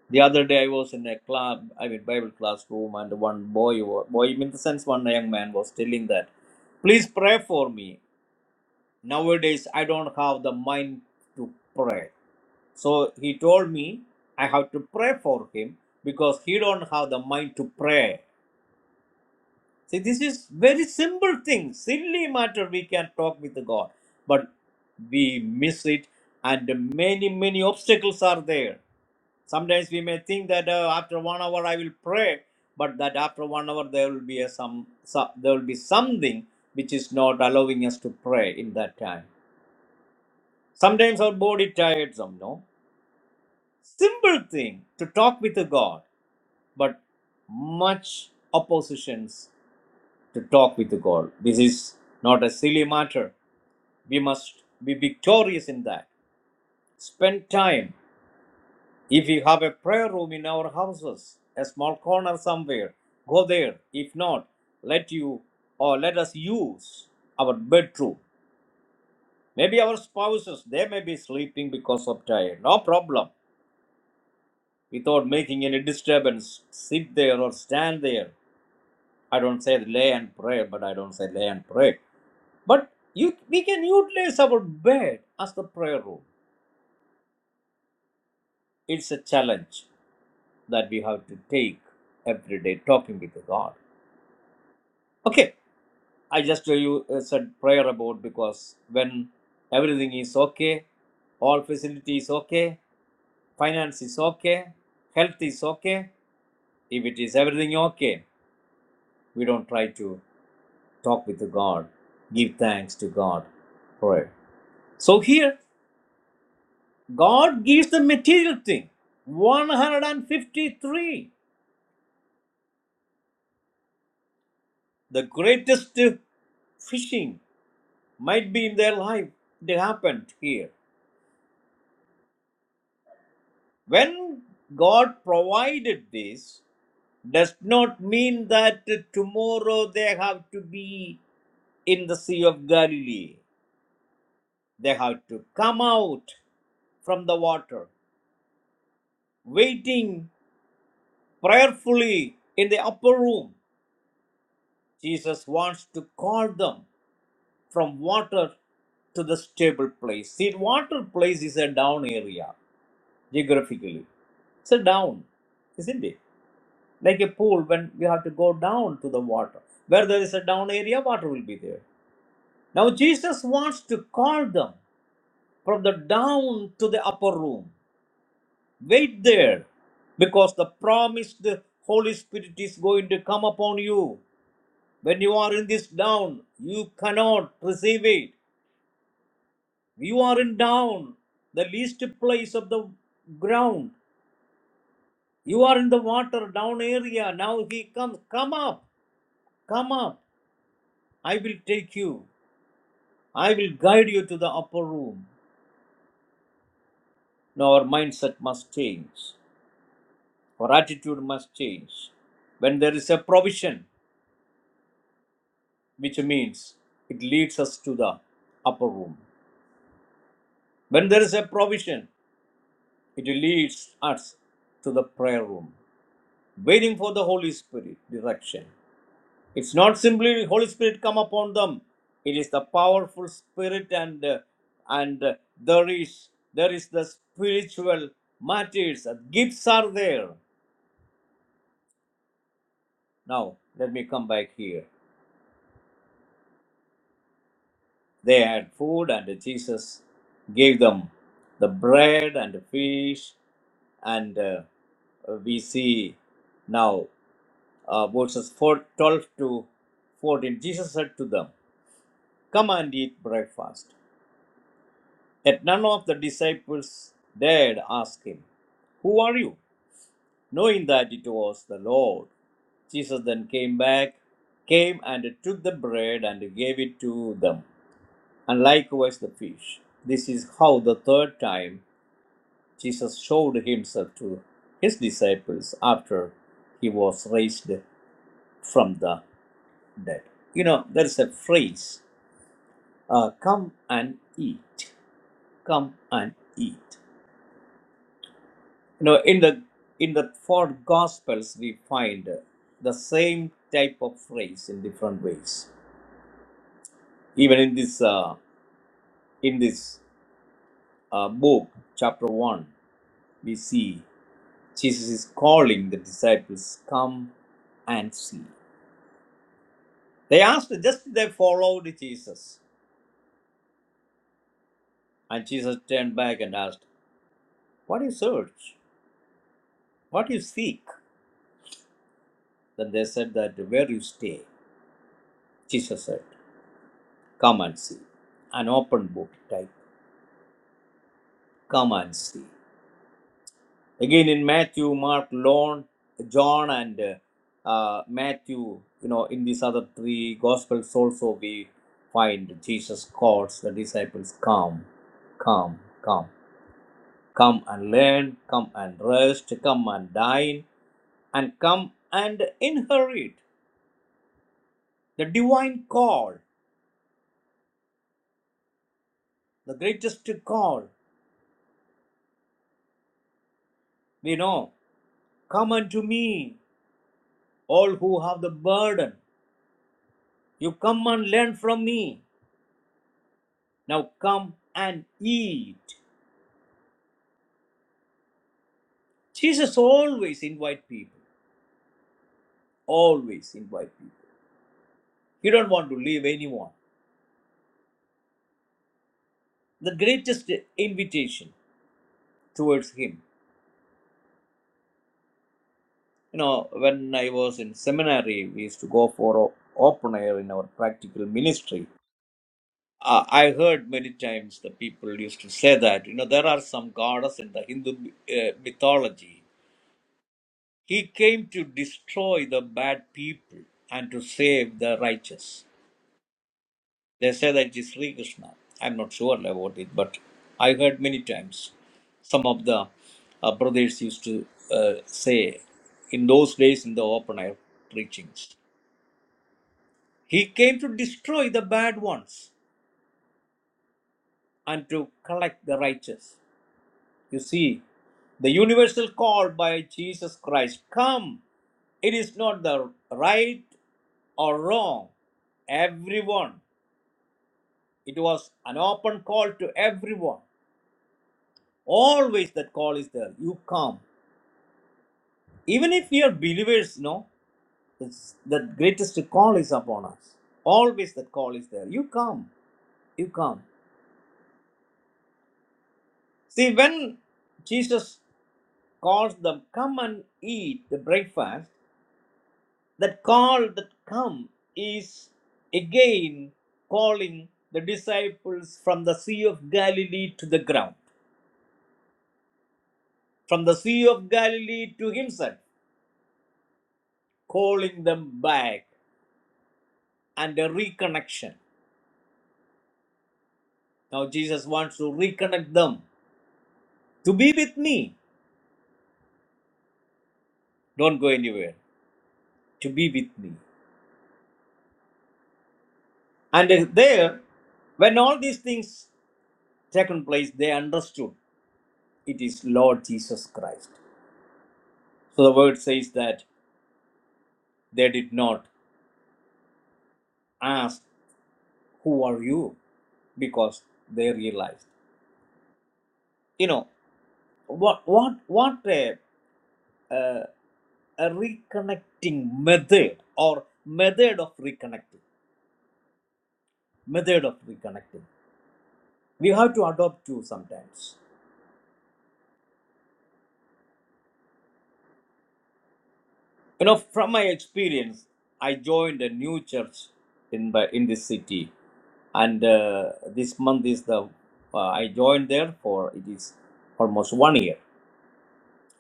Speaker 3: The other day I was in a club, I mean Bible classroom, and one boy, wa- boy in the sense, one young man was telling that, please pray for me. Nowadays I don't have the mind to pray. So he told me I have to pray for him because he don't have the mind to pray. See, this is very simple thing, silly matter. We can talk with God, but we miss it, and many many obstacles are there. Sometimes we may think that uh, after one hour I will pray, but that after one hour there will be a some, some there will be something which is not allowing us to pray in that time. Sometimes our body tired them, no? Simple thing to talk with the God, but much oppositions to talk with the God. This is not a silly matter. We must be victorious in that. Spend time. If you have a prayer room in our houses, a small corner somewhere, go there. If not, let you or let us use our bedroom. Maybe our spouses, they may be sleeping because of tired. No problem. Without making any disturbance, sit there or stand there. I don't say lay and pray, but I don't say lay and pray. But you, we can utilize our bed as the prayer room. It's a challenge that we have to take every day talking with God. Okay, I just uh, you uh, said prayer about because when everything is okay, all facility is okay, finance is okay, health is okay. If it is everything okay, we don't try to talk with God, give thanks to God, pray. So here, God gives the material thing. 153, the greatest uh, fishing might be in their life. It happened here. When God provided this, does not mean that tomorrow they have to be in the Sea of Galilee. They have to come out from the water, waiting prayerfully in the upper room. Jesus wants to call them from water to the stable place. See, water place is a down area geographically. It's a down, isn't it? Like a pool when you have to go down to the water. Where there is a down area, water will be there Now, Jesus wants to call them from the down to the upper room. Wait there, because the promised Holy Spirit is going to come upon you. When you are in this down, you cannot receive it. You are in down, the least place of the ground. You are in the water, down area. Now he comes. Come up, come up. I will take you. I will guide you to the upper room. Now our mindset must change. Our attitude must change. When there is a provision, which means it leads us to the upper room. When there is a provision, it leads us to the prayer room, waiting for the Holy Spirit direction. It's not simply Holy Spirit come upon them. It is the powerful Spirit, and uh, and uh, there is there is the spiritual matters. Gifts are there. Now let me come back here. They had food, and Jesus gave them the bread and the fish. And uh, we see now uh, verses 4, 12 to 14. Jesus said to them, Come and eat breakfast. Yet none of the disciples dared ask him, Who are you? Knowing that it was the Lord. Jesus then came back, came and took the bread and gave it to them, and likewise the fish. This is how the third time Jesus showed himself to his disciples after he was raised from the dead. You know, there is a phrase, uh, come and eat, come and eat. You know, in the in the four gospels we find the same type of phrase in different ways. Even in this uh, in this uh, book, chapter one, we see Jesus is calling the disciples, Come and see. They asked, just they followed Jesus. And Jesus turned back and asked, What do you search? What do you seek? Then they said that where you stay. Jesus said, Come and see. An open book type, Come and see. Again in Matthew, Mark, Lon- John, and uh, uh, Matthew, you know, in these other three Gospels also we find Jesus calls the disciples, come, come, come, come and learn, come and rest, come and dine, and come and inherit the divine call, the greatest call. We know, come unto me, all who have the burden. You come and learn from me. Now come and eat. Jesus always invite people. Always invite people. He don't want to leave anyone. The greatest invitation towards him. You know, when I was in seminary, we used to go for open air in our practical ministry. Uh, I heard many times the people used to say that, you know, there are some goddess in the Hindu uh, mythology. He came to destroy the bad people and to save the righteous. They say that it is Sri Krishna. I'm not sure about it, but I heard many times some of the uh, brothers used to uh, say in those days in the open air preachings, He came to destroy the bad ones and to collect the righteous. You see, the universal call by Jesus Christ come, it is not the right or wrong, everyone. It was an open call to everyone. always that call is there you come even if we are believers no it's the greatest call is upon us always that call is there you come you come see when jesus calls them come and eat the breakfast that call that come is again calling the disciples from the sea of galilee to the ground from the sea of galilee to himself calling them back and a reconnection Now Jesus wants to reconnect them to be with me. Don't go anywhere. To be with me. And uh, there, when all these things taken place, they understood it is Lord Jesus Christ. So the word says that they did not ask, "Who are you?" because they realized. You know what? What? What a, uh, a reconnecting method or method of reconnecting. Method of reconnecting. We have to adopt to sometimes. You know, from my experience, I joined a new church in my, in this city, and uh, this month is the uh, I joined there for it is almost one year.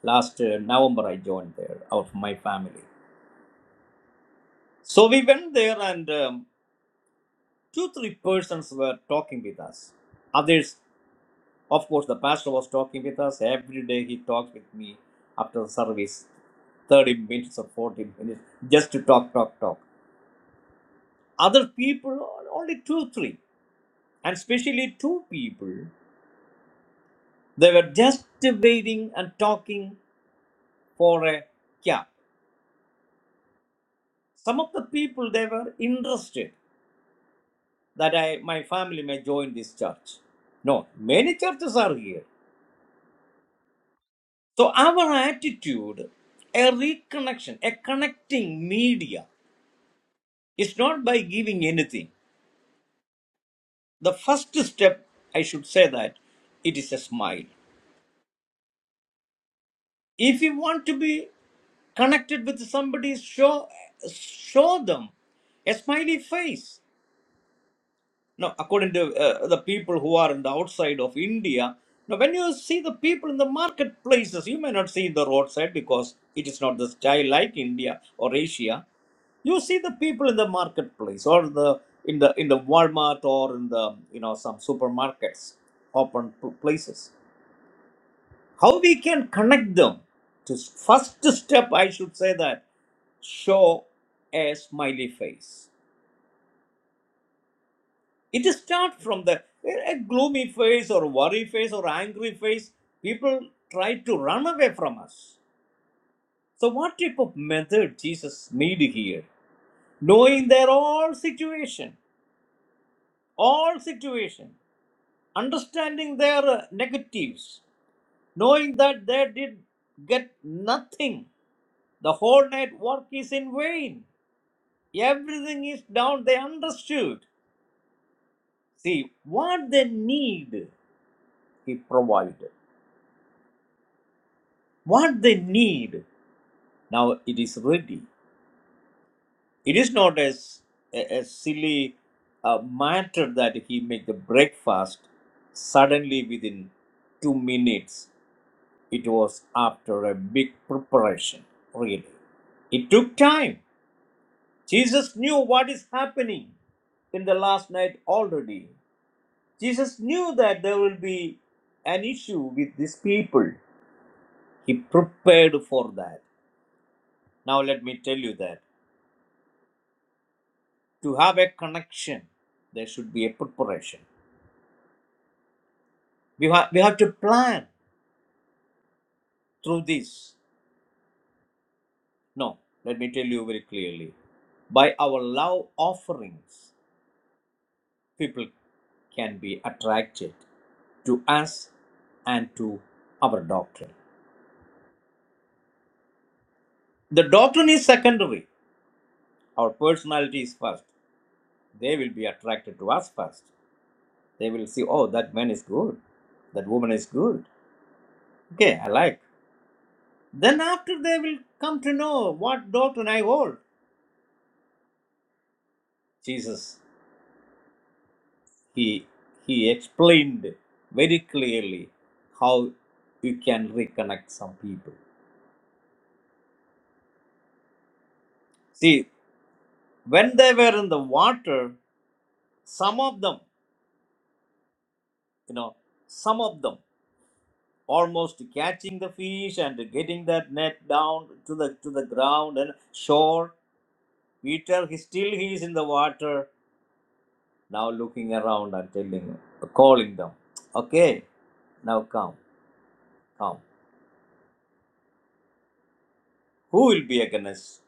Speaker 3: Last uh, November, I joined there out of my family. So we went there, and um, two three persons were talking with us. Others, of course, the pastor was talking with us every day. He talked with me after the service, thirty minutes or forty minutes, just to talk, talk, talk. other people only two three and especially two people they were just waiting and talking for a cab some of the people they were interested that i my family may join this church no many churches are here so our attitude a reconnection a connecting media is not by giving anything the first step i should say that it is a smile If you want to be connected with somebody, show show them a smiley face. Now, according to uh, the people who are in the outside of India, now when you see the people in the marketplaces, you may not see in the roadside because it is not the style like India or Asia. You see the people in the marketplace or the in the in the Walmart or in the you know some supermarkets, open p- places how we can connect them? To first step, I should say that show a smiley face. It starts from the a gloomy face or worry face or angry face. People try to run away from us. So, what type of method Jesus need here? Knowing their all situation, all situation, understanding their uh, negatives, knowing that they did get nothing. The whole night work is in vain. Everything is down. They understood. See, what they need, he provided. What they need, now it is ready. It is not as a, a silly uh, matter that he make the breakfast suddenly within two minutes. It was after a big preparation, really. It took time. Jesus knew what is happening in the last night already. Jesus knew that there will be an issue with these people. He prepared for that. Now, let me tell you that to have a connection, there should be a preparation. We, ha- we have to plan through this. No, let me tell you very clearly. By our love offerings, people can be attracted to us and to our doctrine. The doctrine is secondary, our personality is first. They will be attracted to us first. They will see, oh, that man is good. That woman is good. Okay, I like. Then after they will come to know what doctrine I hold. Jesus, he, he explained very clearly how you can reconnect some people. See, when they were in the water, some of them, you know, some of them almost catching the fish and getting that net down to the to the ground and shore. Peter, he still he is in the water. Now looking around and telling, calling them, okay, now come, come. Who will be against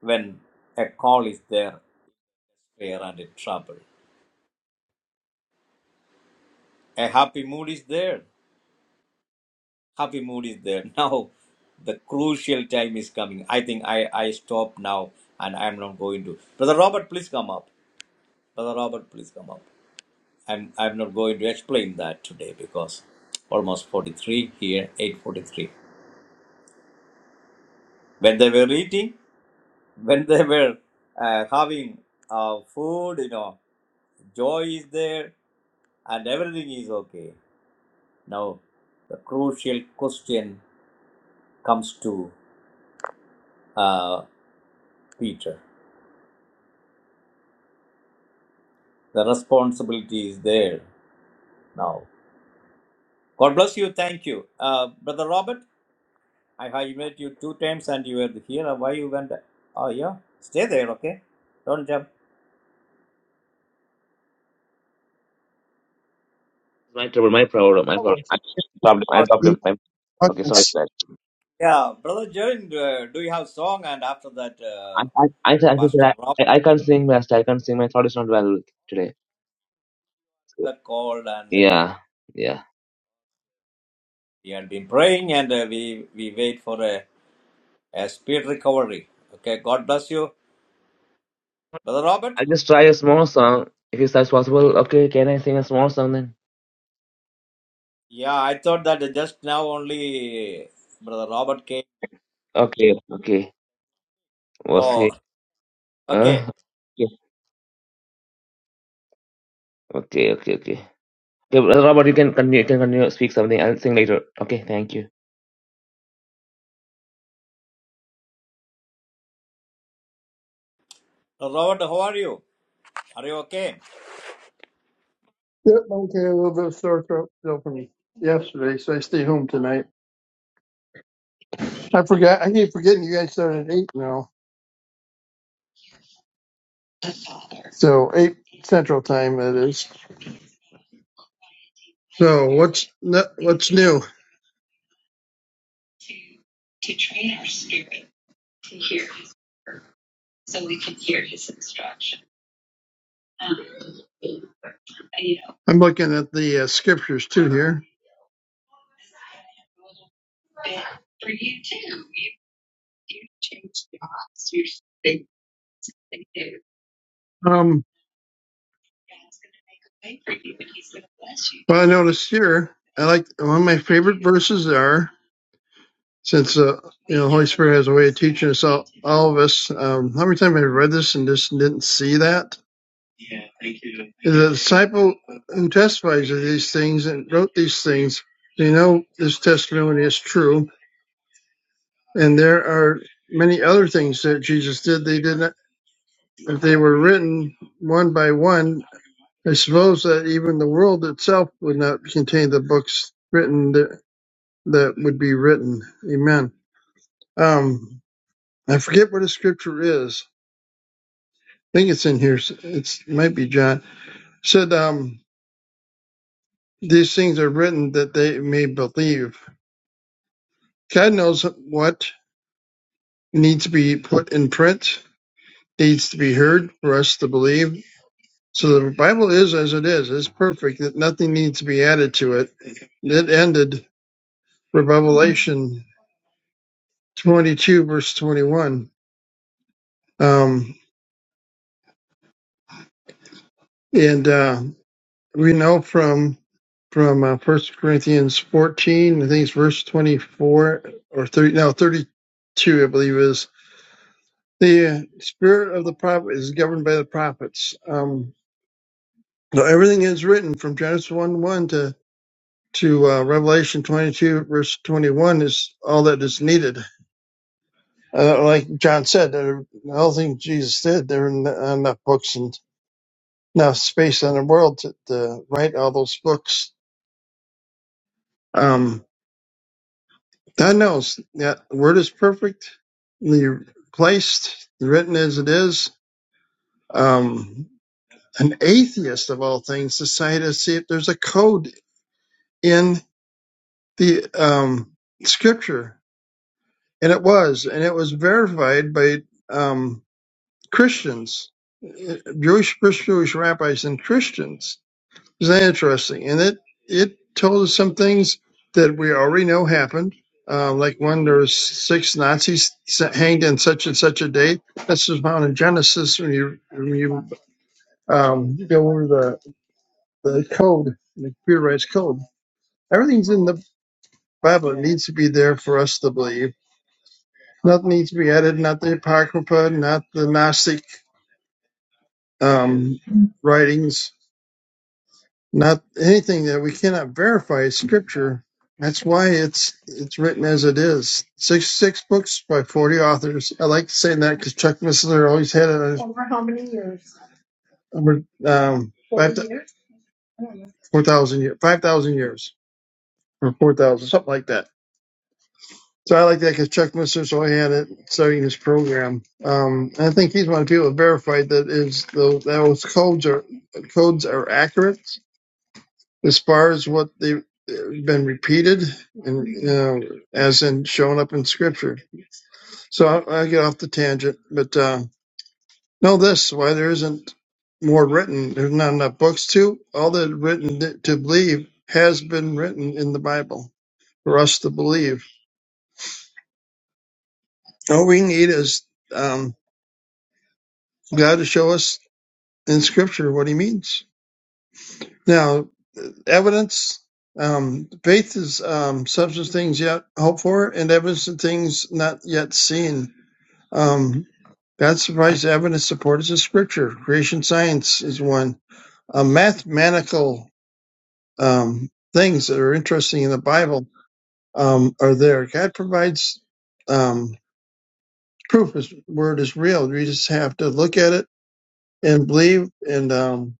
Speaker 3: when a call is there, fear and in trouble? A happy mood is there. Happy mood is there. Now the crucial time is coming. I think I, I stop now and I'm not going to. Brother Robert, please come up. Brother Robert, please come up. I'm, I'm not going to explain that today because almost 43 here, 8.43. When they were eating, when they were uh, having uh, food, you know, joy is there and everything is okay. Now, the crucial question comes to uh, Peter. The responsibility is there now. God bless you. Thank you. Uh, Brother Robert, I have met you two times and you were here. Why you went? Oh, yeah. Stay there, okay? Don't jump.
Speaker 1: My trouble, my problem, my
Speaker 4: I
Speaker 1: problem.
Speaker 4: want to
Speaker 1: I problem, I
Speaker 3: Oh,
Speaker 4: eat
Speaker 1: problem. My... Okay, sorry
Speaker 4: buckets.
Speaker 1: for that.
Speaker 3: yeah. Brother Jarin, uh, do you have song? And after that,
Speaker 1: I
Speaker 3: uh,
Speaker 1: I I, said- I, said
Speaker 3: Pastor
Speaker 1: that
Speaker 3: Robert
Speaker 1: I, I can't sing best. I can't sing. My throat is not well today. So,
Speaker 3: called and.
Speaker 1: yeah, yeah.
Speaker 3: We had been praying and uh, we, we wait for a, a speed recovery. Okay, God bless you. Brother Robert?
Speaker 1: I'll just try a small song if it's as possible. Okay, can I sing a small song then?
Speaker 3: Yeah, I thought that just now only Brother Robert came.
Speaker 1: Okay, okay. Was he?
Speaker 3: So, okay.
Speaker 1: Uh, okay, okay, okay, okay. Okay, Brother Robert, you can continue. You can continue. Speak something. I'll sing later. Okay, thank you.
Speaker 3: Brother Robert, how are you? Are you okay?
Speaker 4: Yep, I'm okay, a little bit of sore throat still from yesterday, so I stayed home tonight. I forgot. I keep forgetting you guys started at eight now, so eight Central Time it is. So what's n- what's new? I'm looking at the uh, scriptures too here. Um, but I noticed here, I like one of my favorite verses are since uh, you know the Holy Spirit has a way of teaching us all, all of us. Um, how many times have I read this and just didn't see that? The disciple who testifies of these things and wrote these things, they know this testimony is true. And there are many other things that Jesus did. They did not, if they were written one by one, I suppose that even the world itself would not contain the books written that, that would be written. Amen. Um, I forget what the scripture is. I think it's in here. It's, it might be John. It said, um, these things are written that they may believe. God knows what needs to be put in print, needs to be heard for us to believe. So the Bible is as it is. It's perfect. That nothing needs to be added to it. It ended with Revelation 22 verse 21. Um, and uh, we know from from uh, 1 Corinthians 14, I think it's verse 24 or 30, no 32, I believe it is the uh, spirit of the prophet is governed by the prophets. Um, No, everything is written from Genesis 1 1 to, to uh, Revelation 22, verse 21 is all that is needed. Uh, like John said, there, all things Jesus did, there are n- uh, enough books and enough space in the world to, to write all those books. Um, God knows that the word is perfectly placed, written as it is. Um, an atheist of all things decided to see if there's a code in the um, scripture and it was, and it was verified by um, Christians, uh, Jewish Jewish rabbis and Christians. Isn't that interesting? And it it told us some things that we already know happened, uh, like when there was six Nazis hanged on such and such a date. This is found in Genesis when you when you um, go over the the code, the computerized code. Everything's in the Bible. It needs to be there for us to believe Nothing needs to be added, not the Apocrypha, not the Gnostic um, writings, not anything that we cannot verify is scripture. That's why it's it's written as it is. Six six books by forty authors. I like saying that because Chuck Missler always had it on his number um, five four thousand years, five thousand years or four thousand, something like that. So I like that because Chuck Missler so I had it studying his program. Um, and I think he's one of the people that verified that is the, those codes are codes are accurate as far as what they've been repeated and you know, as in shown up in scripture. So I, I get off the tangent, but uh, know this: why there isn't more written, there's not enough books to all that written to believe has been written in the Bible for us to believe. All we need is. um, God to show us in Scripture what He means. Now, evidence, um, faith is um, substance of things yet hoped for, and evidence of things not yet seen. Um, God provides evidence support is in Scripture. Creation science is one. Uh, mathematical um, things that are interesting in the Bible um, are there. God provides um, proof His word is real. We just have to look at it and believe, and um,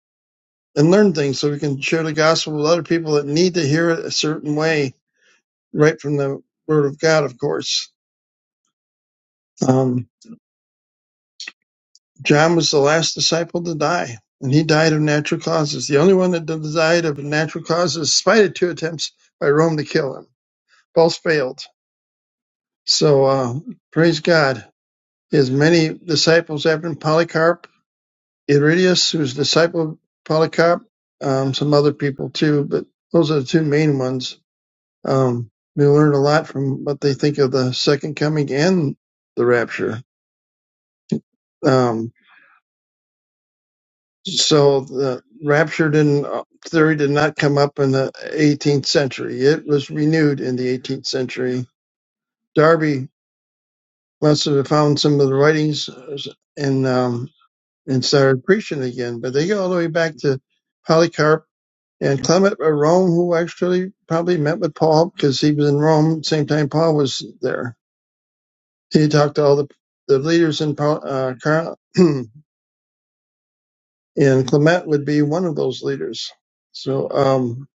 Speaker 4: and learn things so we can share the gospel with other people that need to hear it a certain way, right from the word of God, of course. Um, John was the last disciple to die, and he died of natural causes. The only one that died of natural causes, despite of two attempts by Rome to kill him. Both failed. So, uh, praise God. His many disciples after him, Polycarp, Iridius, who's a disciple of Polycarp, um, some other people too, but those are the two main ones Um, we learned a lot from what they think of the second coming and the rapture. Um, so the rapture didn't uh, theory did not come up in the 18th century. It was renewed in the 18th century. Darby must have found some of the writings uh, and um, and started preaching again. But they go all the way back to Polycarp and Clement of Rome, who actually probably met with Paul because he was in Rome at the same time Paul was there he talked to all the, the leaders in Pal- uh, Car- and Clement would be one of those leaders. So, um,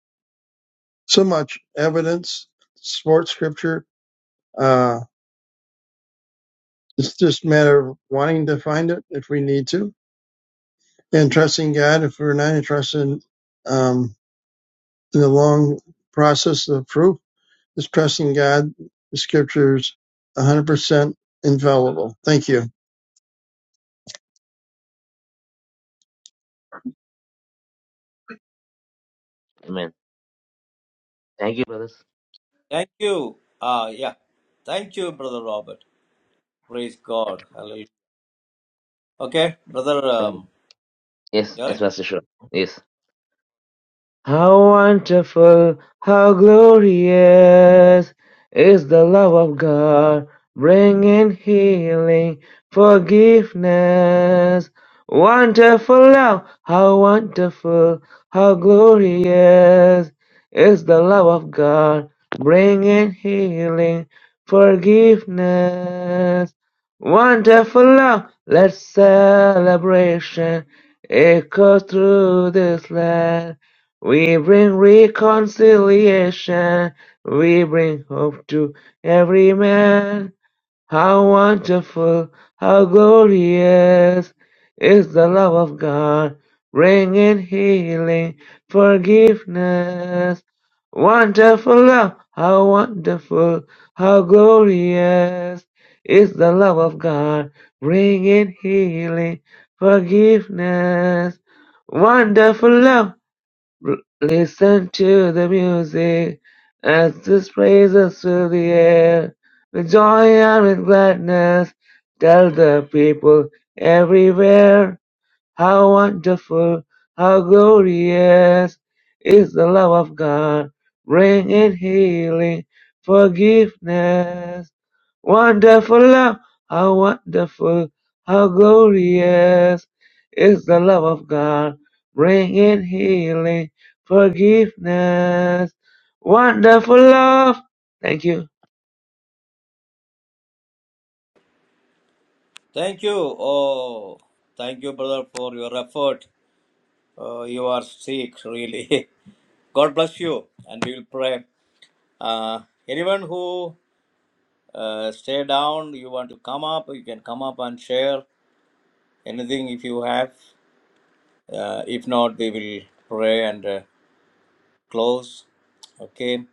Speaker 4: so much evidence, support scripture. Uh, it's just a matter of wanting to find it if we need to, and trusting God if we're not interested in, um, in the long process of proof. Just trusting God. The scriptures 100% infallible. Thank you.
Speaker 1: Amen. Thank you, brothers.
Speaker 3: Thank you. Uh, yeah. Thank you, Brother Robert. Praise God. Hallelujah. Okay, Brother
Speaker 1: Okay.
Speaker 3: um,
Speaker 1: Yes,
Speaker 3: Jerry?
Speaker 1: yes, Pastor. Sure. Yes. How wonderful, how glorious is the love of God, bringing healing, forgiveness. Wonderful love, how wonderful, how glorious is the love of God, bringing healing, forgiveness. Wonderful love, let celebration echo through this land. We bring reconciliation. We bring hope to every man. How wonderful, how glorious is the love of God, bringing healing, forgiveness. Wonderful love, how wonderful, how glorious is the love of God, bringing healing, forgiveness. Wonderful love. R- Listen to the music as this praises through the air. With joy and with gladness, tell the people everywhere. How wonderful, how glorious is the love of God, bringing healing, forgiveness. Wonderful love, how wonderful, how glorious is the love of God, bringing healing, forgiveness. Wonderful love. Thank you.
Speaker 3: Thank you. Oh, thank you, Brother, for your effort. Uh, you are sick, really. God bless you. And we will pray. Uh, anyone who uh, stay down, you want to come up, you can come up and share anything if you have. Uh, if not, we will pray and uh, close. Okay.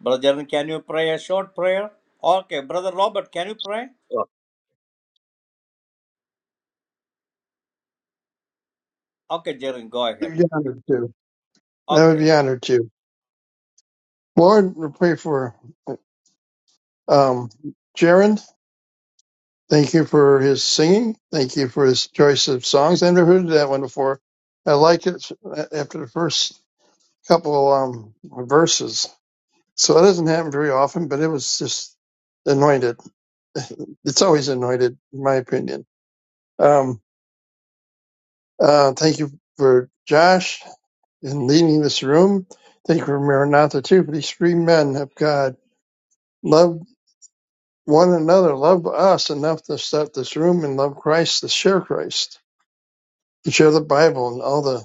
Speaker 3: Brother Jerin, can you pray a short prayer? Okay. Brother Robert, can you pray? Okay, Jerin, go ahead.
Speaker 4: You'd be honored too. I would
Speaker 3: Okay.
Speaker 4: be honored too. Lord, we pray for Um, Jaron, thank you for his singing. Thank you for his choice of songs. I never heard that one before. I liked it after the first couple um, verses. So that doesn't happen very often, but it was just anointed. It's always anointed, in my opinion. Um, uh, thank you for Josh in leading this room. Thank you for Maranatha too. For these three men of God, love one another, love us enough to start this room and love Christ to share Christ. to share the Bible and all the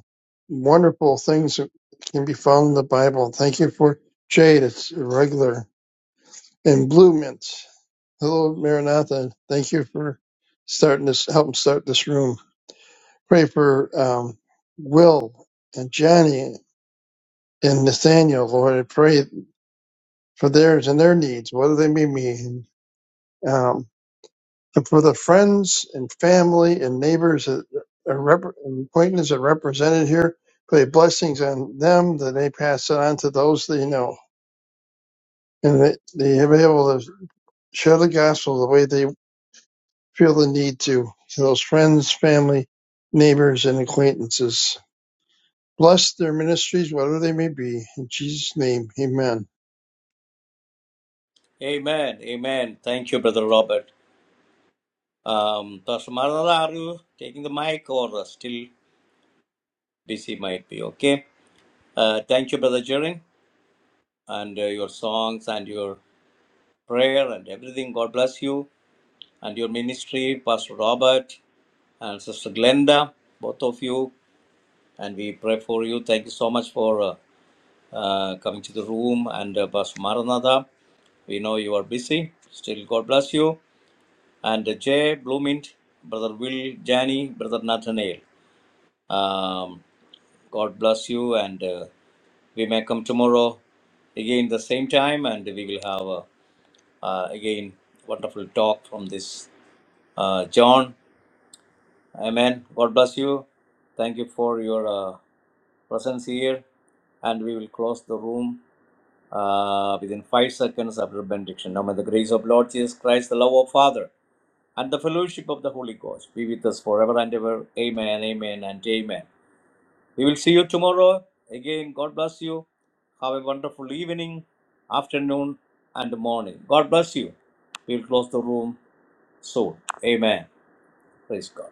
Speaker 4: wonderful things that can be found in the Bible. Thank you for Jade, it's regular, and Blue Mint. Hello, Maranatha. Thank you for starting this, helping start this room. Pray for um, Will and Johnny and Nathaniel, Lord. I pray for theirs and their needs, whether they may be. and for the friends and family and neighbors that are rep- and acquaintances that are represented here, pray blessings on them that they pass it on to those they know, and that they are able to share the gospel the way they feel the need to to those friends, family, neighbors, and acquaintances. Bless their ministries, whatever they may be. In Jesus' name, Amen.
Speaker 3: Amen. Amen. Thank you, Brother Robert. Um, Pastor Maranatha, are you taking the mic or uh, still busy might be? Okay. Uh, thank you, Brother Jerin, and uh, your songs and your prayer and everything. God bless you and your ministry, Pastor Robert and Sister Glenda, both of you. And we pray for you. Thank you so much for uh, uh, coming to the room and uh, Pastor Maranatha. We know you are busy. Still, God bless you. And uh, Jay Bloomint, Brother Will Jani, Brother Nathaniel. Um, God bless you. And uh, we may come tomorrow again the same time and we will have uh, uh, again wonderful talk from this Uh, John, Amen. God bless you. Thank you for your uh, presence here. And we will close the room uh, within five seconds after benediction. Now, may the grace of Lord Jesus Christ, the love of Father, and the fellowship of the Holy Ghost be with us forever and ever. Amen, amen, and amen. We will see you tomorrow. Again, God bless you. Have a wonderful evening, afternoon, and morning. God bless you. We will close the room soon. Amen. Praise God.